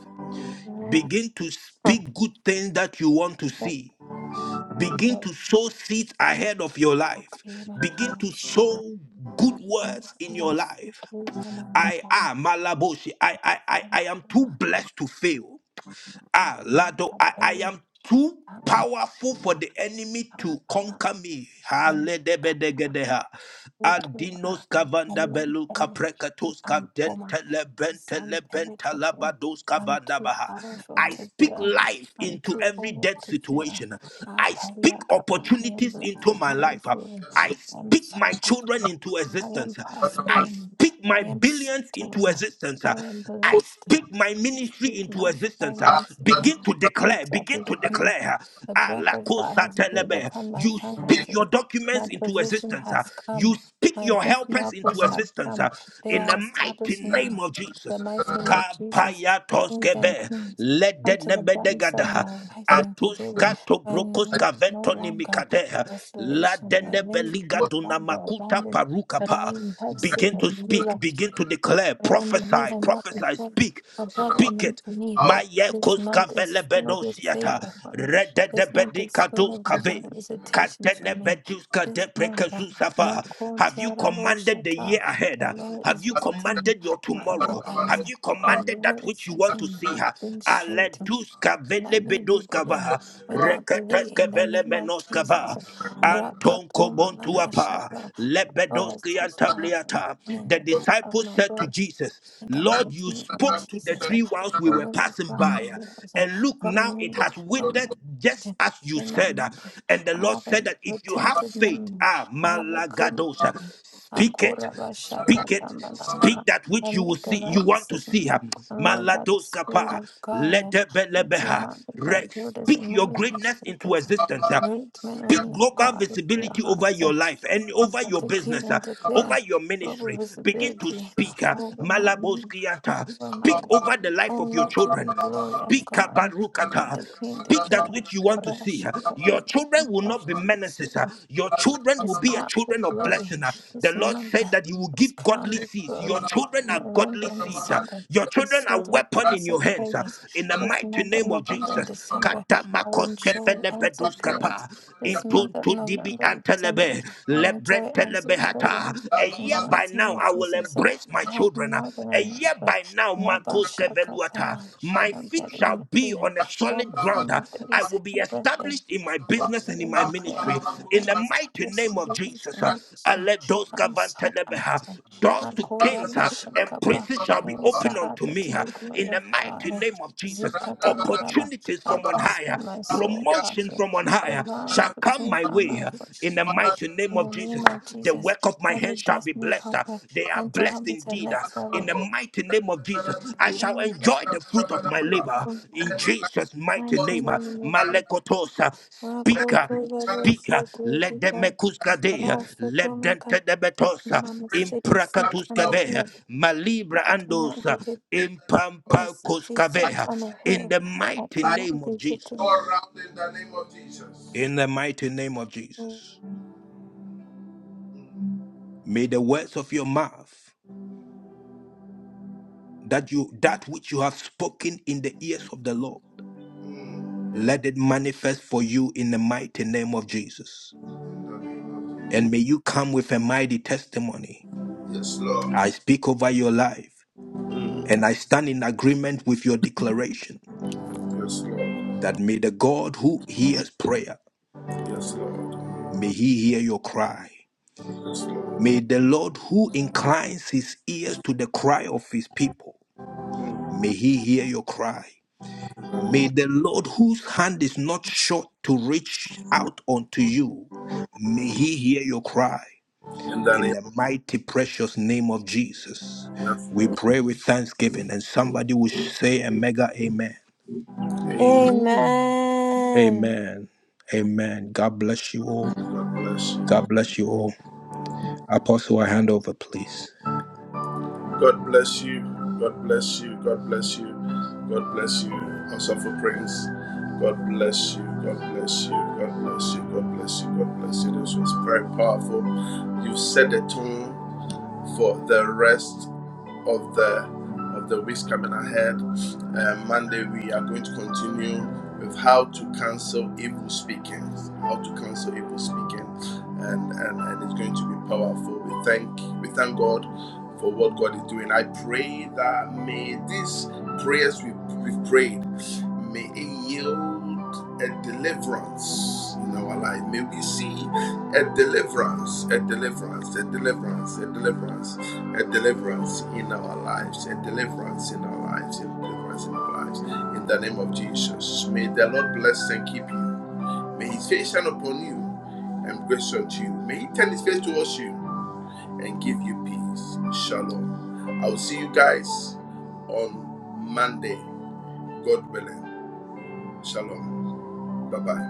Speaker 2: Begin to
Speaker 6: Huh.
Speaker 2: speak good things that you want to
Speaker 6: Thank
Speaker 2: see.
Speaker 6: you,
Speaker 2: Begin
Speaker 6: Lord.
Speaker 2: to sow seeds ahead of your life. Begin to
Speaker 6: Kateranamaso,
Speaker 2: sow good words in your life.
Speaker 6: umbakavasutu,
Speaker 2: I
Speaker 6: ramakapam,
Speaker 2: am Malaboshi. I, I, I, I am too
Speaker 6: empoma,
Speaker 2: blessed to fail. Ah, Lado, I, I
Speaker 6: makapeli,
Speaker 2: am too powerful for the enemy to
Speaker 6: apampana,
Speaker 2: conquer me.
Speaker 6: enkapa.
Speaker 2: Haledebedegedeha.
Speaker 6: Utura,
Speaker 2: Adinos kavanda belu
Speaker 6: Elentele,
Speaker 2: kaprekatos
Speaker 6: Antoma,
Speaker 2: kavdentele bentele
Speaker 6: Zantelekete.
Speaker 2: bentalabados
Speaker 6: I'm too
Speaker 2: kavandabaha.
Speaker 6: powerful
Speaker 2: I
Speaker 6: to
Speaker 2: speak
Speaker 6: fail.
Speaker 2: life
Speaker 6: I'm
Speaker 2: into
Speaker 6: too
Speaker 2: every
Speaker 6: old
Speaker 2: dead
Speaker 6: to fail.
Speaker 2: situation. I speak
Speaker 6: Apariakapa, I am
Speaker 2: opportunities
Speaker 6: blessed
Speaker 2: into
Speaker 6: and
Speaker 2: my
Speaker 6: highly
Speaker 2: life.
Speaker 6: favored.
Speaker 2: I
Speaker 6: I am
Speaker 2: speak
Speaker 6: sought
Speaker 2: my children
Speaker 6: after.
Speaker 2: into
Speaker 6: I am
Speaker 2: existence. I speak
Speaker 6: prospering.
Speaker 2: speak my
Speaker 6: I am
Speaker 2: billions into
Speaker 6: settled.
Speaker 2: existence. uh.
Speaker 6: I am
Speaker 2: I
Speaker 6: blessed.
Speaker 2: speak my
Speaker 6: I
Speaker 2: ministry
Speaker 6: speak
Speaker 2: into
Speaker 6: my
Speaker 2: existence. uh.
Speaker 6: finances uh,
Speaker 2: Begin to declare,
Speaker 6: into
Speaker 2: begin to
Speaker 6: the hand.
Speaker 2: declare. uh,
Speaker 6: The
Speaker 2: ah,
Speaker 6: breath
Speaker 2: la
Speaker 6: of God
Speaker 2: cosa
Speaker 6: has breathed
Speaker 2: telebe.
Speaker 6: upon my
Speaker 2: You speak
Speaker 6: finances.
Speaker 2: your
Speaker 6: My
Speaker 2: documents into
Speaker 6: provision
Speaker 2: existence. uh.
Speaker 6: has
Speaker 2: You
Speaker 6: come.
Speaker 2: speak
Speaker 6: My
Speaker 2: your
Speaker 6: destiny
Speaker 2: helpers into
Speaker 6: helpers have
Speaker 2: existence.
Speaker 6: come.
Speaker 2: uh.
Speaker 6: They
Speaker 2: In the
Speaker 6: are
Speaker 2: mighty
Speaker 6: established
Speaker 2: name
Speaker 6: now.
Speaker 2: of
Speaker 6: The
Speaker 2: Jesus.
Speaker 6: mighty name of Jesus,
Speaker 2: Kapaya
Speaker 6: kings and
Speaker 2: toskeve,
Speaker 6: queens,
Speaker 2: lede
Speaker 6: come to the brightness of
Speaker 2: nebedegada,
Speaker 6: my rising today.
Speaker 2: atuskato
Speaker 6: My name
Speaker 2: brokoska
Speaker 6: is no
Speaker 2: vento
Speaker 6: longer
Speaker 2: nimikade, la
Speaker 6: desolation. My
Speaker 2: dene
Speaker 6: name is
Speaker 2: beliga
Speaker 6: no longer
Speaker 2: dunamakuta
Speaker 6: abandoned, but
Speaker 2: parukapa.
Speaker 6: I am blessed.
Speaker 2: Begin
Speaker 6: of
Speaker 2: to
Speaker 6: you.
Speaker 2: speak, begin to declare,
Speaker 6: I am the head
Speaker 2: prophesy,
Speaker 6: and not the
Speaker 2: prophesy,
Speaker 6: tail,
Speaker 2: speak,
Speaker 6: above and
Speaker 2: speak
Speaker 6: not
Speaker 2: it.
Speaker 6: beneath.
Speaker 2: My
Speaker 6: This
Speaker 2: yekos
Speaker 6: month
Speaker 2: kavele
Speaker 6: is filled with
Speaker 2: bedosiata,
Speaker 6: favor for me. This month
Speaker 2: rededebedi
Speaker 6: is filled
Speaker 2: kados
Speaker 6: with divine
Speaker 2: kave.
Speaker 6: visitations for me. This month, uh, Mako
Speaker 2: Have you
Speaker 6: Tiarabo
Speaker 2: commanded the year
Speaker 6: Shata,
Speaker 2: ahead?
Speaker 6: the Lord
Speaker 2: Have
Speaker 6: is
Speaker 2: you
Speaker 6: visiting
Speaker 2: commanded your
Speaker 6: my
Speaker 2: tomorrow? Have
Speaker 6: Boaz.
Speaker 2: you
Speaker 6: The
Speaker 2: commanded that
Speaker 6: Lord is
Speaker 2: which you want to
Speaker 6: setting
Speaker 2: see?
Speaker 6: things straight,
Speaker 2: Aleduska
Speaker 6: and I may be wedded
Speaker 2: velebedoskava.
Speaker 6: without delay in
Speaker 2: Reketeska
Speaker 6: the name of Jesus.
Speaker 2: velemenoskava. Anton
Speaker 6: Rakatoma
Speaker 2: Kobontuapa,
Speaker 6: Namashata. Lord, has
Speaker 2: Lebedoskian
Speaker 6: touched the heart and
Speaker 2: Tabliata.
Speaker 6: mind
Speaker 2: The
Speaker 6: of
Speaker 2: disciples
Speaker 6: my
Speaker 2: said to
Speaker 6: brothers
Speaker 2: Jesus,
Speaker 6: in the
Speaker 2: Lord,
Speaker 6: mighty
Speaker 2: you
Speaker 6: name of
Speaker 2: spoke to the
Speaker 6: Jesus.
Speaker 2: tree whilst we
Speaker 6: The
Speaker 2: were
Speaker 6: will of
Speaker 2: passing
Speaker 6: God
Speaker 2: by.
Speaker 6: prevails
Speaker 2: And look,
Speaker 6: for
Speaker 2: now it
Speaker 6: me,
Speaker 2: has
Speaker 6: for
Speaker 2: withered
Speaker 6: my
Speaker 2: just
Speaker 6: marriage,
Speaker 2: as you
Speaker 6: in my
Speaker 2: said.
Speaker 6: mind.
Speaker 2: And the
Speaker 6: I
Speaker 2: Lord
Speaker 6: have a
Speaker 2: said that if you have
Speaker 6: retentive
Speaker 2: faith,
Speaker 6: memory.
Speaker 2: ah,
Speaker 6: I have a good
Speaker 2: Malagadosa,
Speaker 6: memory.
Speaker 2: speak it, speak it,
Speaker 6: Akurabashakatambalamaha.
Speaker 2: speak that
Speaker 6: I
Speaker 2: which you will
Speaker 6: make the
Speaker 2: see, you
Speaker 6: right
Speaker 2: want to see.
Speaker 6: decision.
Speaker 2: ah.
Speaker 6: I'm led by the Spirit
Speaker 2: Maladoskapa,
Speaker 6: of God. I'm
Speaker 2: Ledebeha,
Speaker 6: surrounded by
Speaker 2: Rex.
Speaker 6: builders and
Speaker 2: Speak your
Speaker 6: movers and
Speaker 2: greatness into
Speaker 6: shakers.
Speaker 2: existence. ah.
Speaker 6: Great men and
Speaker 2: Speak
Speaker 6: women of
Speaker 2: global
Speaker 6: God with pure
Speaker 2: visibility over
Speaker 6: hearts.
Speaker 2: your life and over
Speaker 6: I
Speaker 2: your
Speaker 6: decree
Speaker 2: business, uh,
Speaker 6: and
Speaker 2: over
Speaker 6: declare
Speaker 2: your
Speaker 6: global
Speaker 2: ministry. Begin to
Speaker 6: visibility
Speaker 2: speak. Uh,
Speaker 6: over my name,
Speaker 2: Malaboskiata.
Speaker 6: over my
Speaker 2: Speak over
Speaker 6: life,
Speaker 2: the life of your
Speaker 6: only to the
Speaker 2: children.
Speaker 6: glory of
Speaker 2: Speak
Speaker 6: God. I
Speaker 2: Kabarukata.
Speaker 6: decree and
Speaker 2: Speak that
Speaker 6: declare
Speaker 2: which you want to see.
Speaker 6: Rasha
Speaker 2: uh. Your children will not be menaces. uh.
Speaker 6: Katamanamra
Speaker 2: Your children will
Speaker 6: is
Speaker 2: be a
Speaker 6: crowned
Speaker 2: children
Speaker 6: with
Speaker 2: of
Speaker 6: glory.
Speaker 2: blessing. uh. The
Speaker 6: This
Speaker 2: Lord
Speaker 6: month
Speaker 2: said that He will give
Speaker 6: is crowned
Speaker 2: godly
Speaker 6: with
Speaker 2: seeds. Your
Speaker 6: glory.
Speaker 2: children are godly
Speaker 6: November and
Speaker 2: seeds. uh.
Speaker 6: December
Speaker 2: Your
Speaker 6: is
Speaker 2: children are
Speaker 6: filled with
Speaker 2: weapon in
Speaker 6: answered
Speaker 2: your hands. uh.
Speaker 6: prayers.
Speaker 2: In the
Speaker 6: This
Speaker 2: mighty
Speaker 6: month of
Speaker 2: name of
Speaker 6: November and
Speaker 2: Jesus.
Speaker 6: December, I will enjoy answered
Speaker 2: Katamakoskefelebeduskata
Speaker 6: prayers.
Speaker 2: kapa
Speaker 6: This month
Speaker 2: into
Speaker 6: of
Speaker 2: to dibi
Speaker 6: November and December,
Speaker 2: antelebe
Speaker 6: I enjoy
Speaker 2: lebrentelebe
Speaker 6: answered
Speaker 2: hata.
Speaker 6: prayers.
Speaker 2: A
Speaker 6: In the
Speaker 2: year by
Speaker 6: mighty name
Speaker 2: now
Speaker 6: of
Speaker 2: I will
Speaker 6: Jesus, uh,
Speaker 2: embrace my
Speaker 6: I have
Speaker 2: children.
Speaker 6: more than
Speaker 2: A
Speaker 6: enough.
Speaker 2: year
Speaker 6: uh,
Speaker 2: by now
Speaker 6: Laba
Speaker 2: Marcos
Speaker 6: Shaka
Speaker 2: Keveluata.
Speaker 6: Tama.
Speaker 2: My
Speaker 6: I'm
Speaker 2: feet shall
Speaker 6: getting
Speaker 2: be
Speaker 6: married
Speaker 2: on a
Speaker 6: all
Speaker 2: solid
Speaker 6: before
Speaker 2: ground.
Speaker 6: my
Speaker 2: I will be
Speaker 6: 32nd birthday.
Speaker 2: established in my
Speaker 6: I
Speaker 2: business
Speaker 6: decree
Speaker 2: and in
Speaker 6: and
Speaker 2: my
Speaker 6: declare
Speaker 2: ministry. In the
Speaker 6: and
Speaker 2: mighty
Speaker 6: establish a
Speaker 2: name of
Speaker 6: business
Speaker 2: Jesus.
Speaker 6: and industry. I
Speaker 2: Aledoska
Speaker 6: am sought after.
Speaker 2: vantelebeha doors to kings uh, and
Speaker 6: Akorabashakaba.
Speaker 2: princes shall
Speaker 6: I
Speaker 2: be
Speaker 6: am
Speaker 2: opened
Speaker 6: sought
Speaker 2: unto
Speaker 6: after
Speaker 2: me
Speaker 6: to
Speaker 2: uh,
Speaker 6: the
Speaker 2: in
Speaker 6: glory
Speaker 2: the
Speaker 6: of
Speaker 2: mighty
Speaker 6: God.
Speaker 2: name of Jesus.
Speaker 6: Zikatamaraba.
Speaker 2: Opportunities
Speaker 6: I
Speaker 2: from on
Speaker 6: prosper
Speaker 2: higher,
Speaker 6: my soul,
Speaker 2: promotion
Speaker 6: prosper.
Speaker 2: from on higher
Speaker 6: Divine
Speaker 2: shall come
Speaker 6: opportunities
Speaker 2: my
Speaker 6: are
Speaker 2: way
Speaker 6: my
Speaker 2: uh, in
Speaker 6: portion
Speaker 2: the
Speaker 6: now.
Speaker 2: mighty name
Speaker 6: In
Speaker 2: of
Speaker 6: the
Speaker 2: Jesus.
Speaker 6: name
Speaker 2: uh,
Speaker 6: of
Speaker 2: The
Speaker 6: Jesus,
Speaker 2: work of my
Speaker 6: every
Speaker 2: hands shall be
Speaker 6: destiny
Speaker 2: blessed. uh,
Speaker 6: helper
Speaker 2: They are
Speaker 6: meant to help
Speaker 2: blessed
Speaker 6: me to the
Speaker 2: indeed uh,
Speaker 6: next
Speaker 2: in
Speaker 6: level.
Speaker 2: the mighty name of Jesus. I shall
Speaker 6: Like-
Speaker 2: enjoy the fruit of my labor huh, in Jesus' mighty
Speaker 6: Mighty
Speaker 2: name. uh,
Speaker 6: name of Jesus.
Speaker 2: Malekotos, uh, Speak, uh,
Speaker 6: Makoto Babo
Speaker 2: speak, uh, let the mekuska de, uh, let them
Speaker 6: Shitty
Speaker 2: te de betosa,
Speaker 6: Mama city set on
Speaker 2: impracatuska
Speaker 6: a
Speaker 2: ve, uh,
Speaker 6: hill.
Speaker 2: malibra
Speaker 6: I
Speaker 2: andos,
Speaker 6: cannot
Speaker 2: uh,
Speaker 6: be hidden. i city
Speaker 2: impampacuska
Speaker 6: set
Speaker 2: ve, uh,
Speaker 6: on a
Speaker 2: in
Speaker 6: hill.
Speaker 2: the
Speaker 6: I
Speaker 2: mighty
Speaker 6: cannot
Speaker 2: name of
Speaker 6: be
Speaker 1: all
Speaker 6: hidden.
Speaker 2: Jesus.
Speaker 1: around in the name of Jesus.
Speaker 2: In the mighty name of Jesus. May the words of your mouth, that you that which you have spoken in the ears of the Lord, let it manifest for you in the mighty name of Jesus.
Speaker 1: In the name of Jesus.
Speaker 2: And may you come with a mighty testimony.
Speaker 1: Yes, Lord.
Speaker 2: I speak over your life.
Speaker 1: Mm.
Speaker 2: And I stand in agreement with your declaration
Speaker 1: Yes, Lord.
Speaker 2: that may the God who hears prayer,
Speaker 1: Yes, Lord.
Speaker 2: may he hear your cry.
Speaker 1: Yes, Lord.
Speaker 2: May the Lord who inclines his ears to the cry of his people, may he hear your cry. May the Lord whose hand is not short to reach out unto you, may he hear your cry.
Speaker 1: In the
Speaker 2: In
Speaker 1: name
Speaker 2: the
Speaker 1: of
Speaker 2: mighty, precious name of Jesus,
Speaker 1: Yes,
Speaker 2: we
Speaker 1: Lord.
Speaker 2: pray with thanksgiving, and somebody will say a mega amen.
Speaker 1: Amen.
Speaker 4: Mhm.
Speaker 6: Amen.
Speaker 2: Amen. Amen. God bless you all.
Speaker 1: God bless you.
Speaker 2: God bless you all. Apostle, I hand over, please.
Speaker 1: God bless you. God bless you. God bless you. God bless you. Also for Prince. God bless you. God bless you. God bless you. God bless you. God bless you. This was very powerful. You set the tone for the rest of the of the weeks coming ahead. Um, Monday we are going to continue with how to cancel evil speaking, how to cancel evil speaking, and and, and it's going to be powerful. We thank we thank God for what God is doing. I pray that may these prayers we we've prayed may it yield a deliverance in our life. May we see a deliverance, a deliverance, a deliverance, a deliverance a deliverance in our lives, a deliverance in our lives, a deliverance in our lives. In the name of Jesus, may the Lord bless and keep you. May His face shine upon you and grace unto you. May He turn His face to you and give you peace. Shalom. I will see you guys on Monday, God willing. Shalom. Bye bye.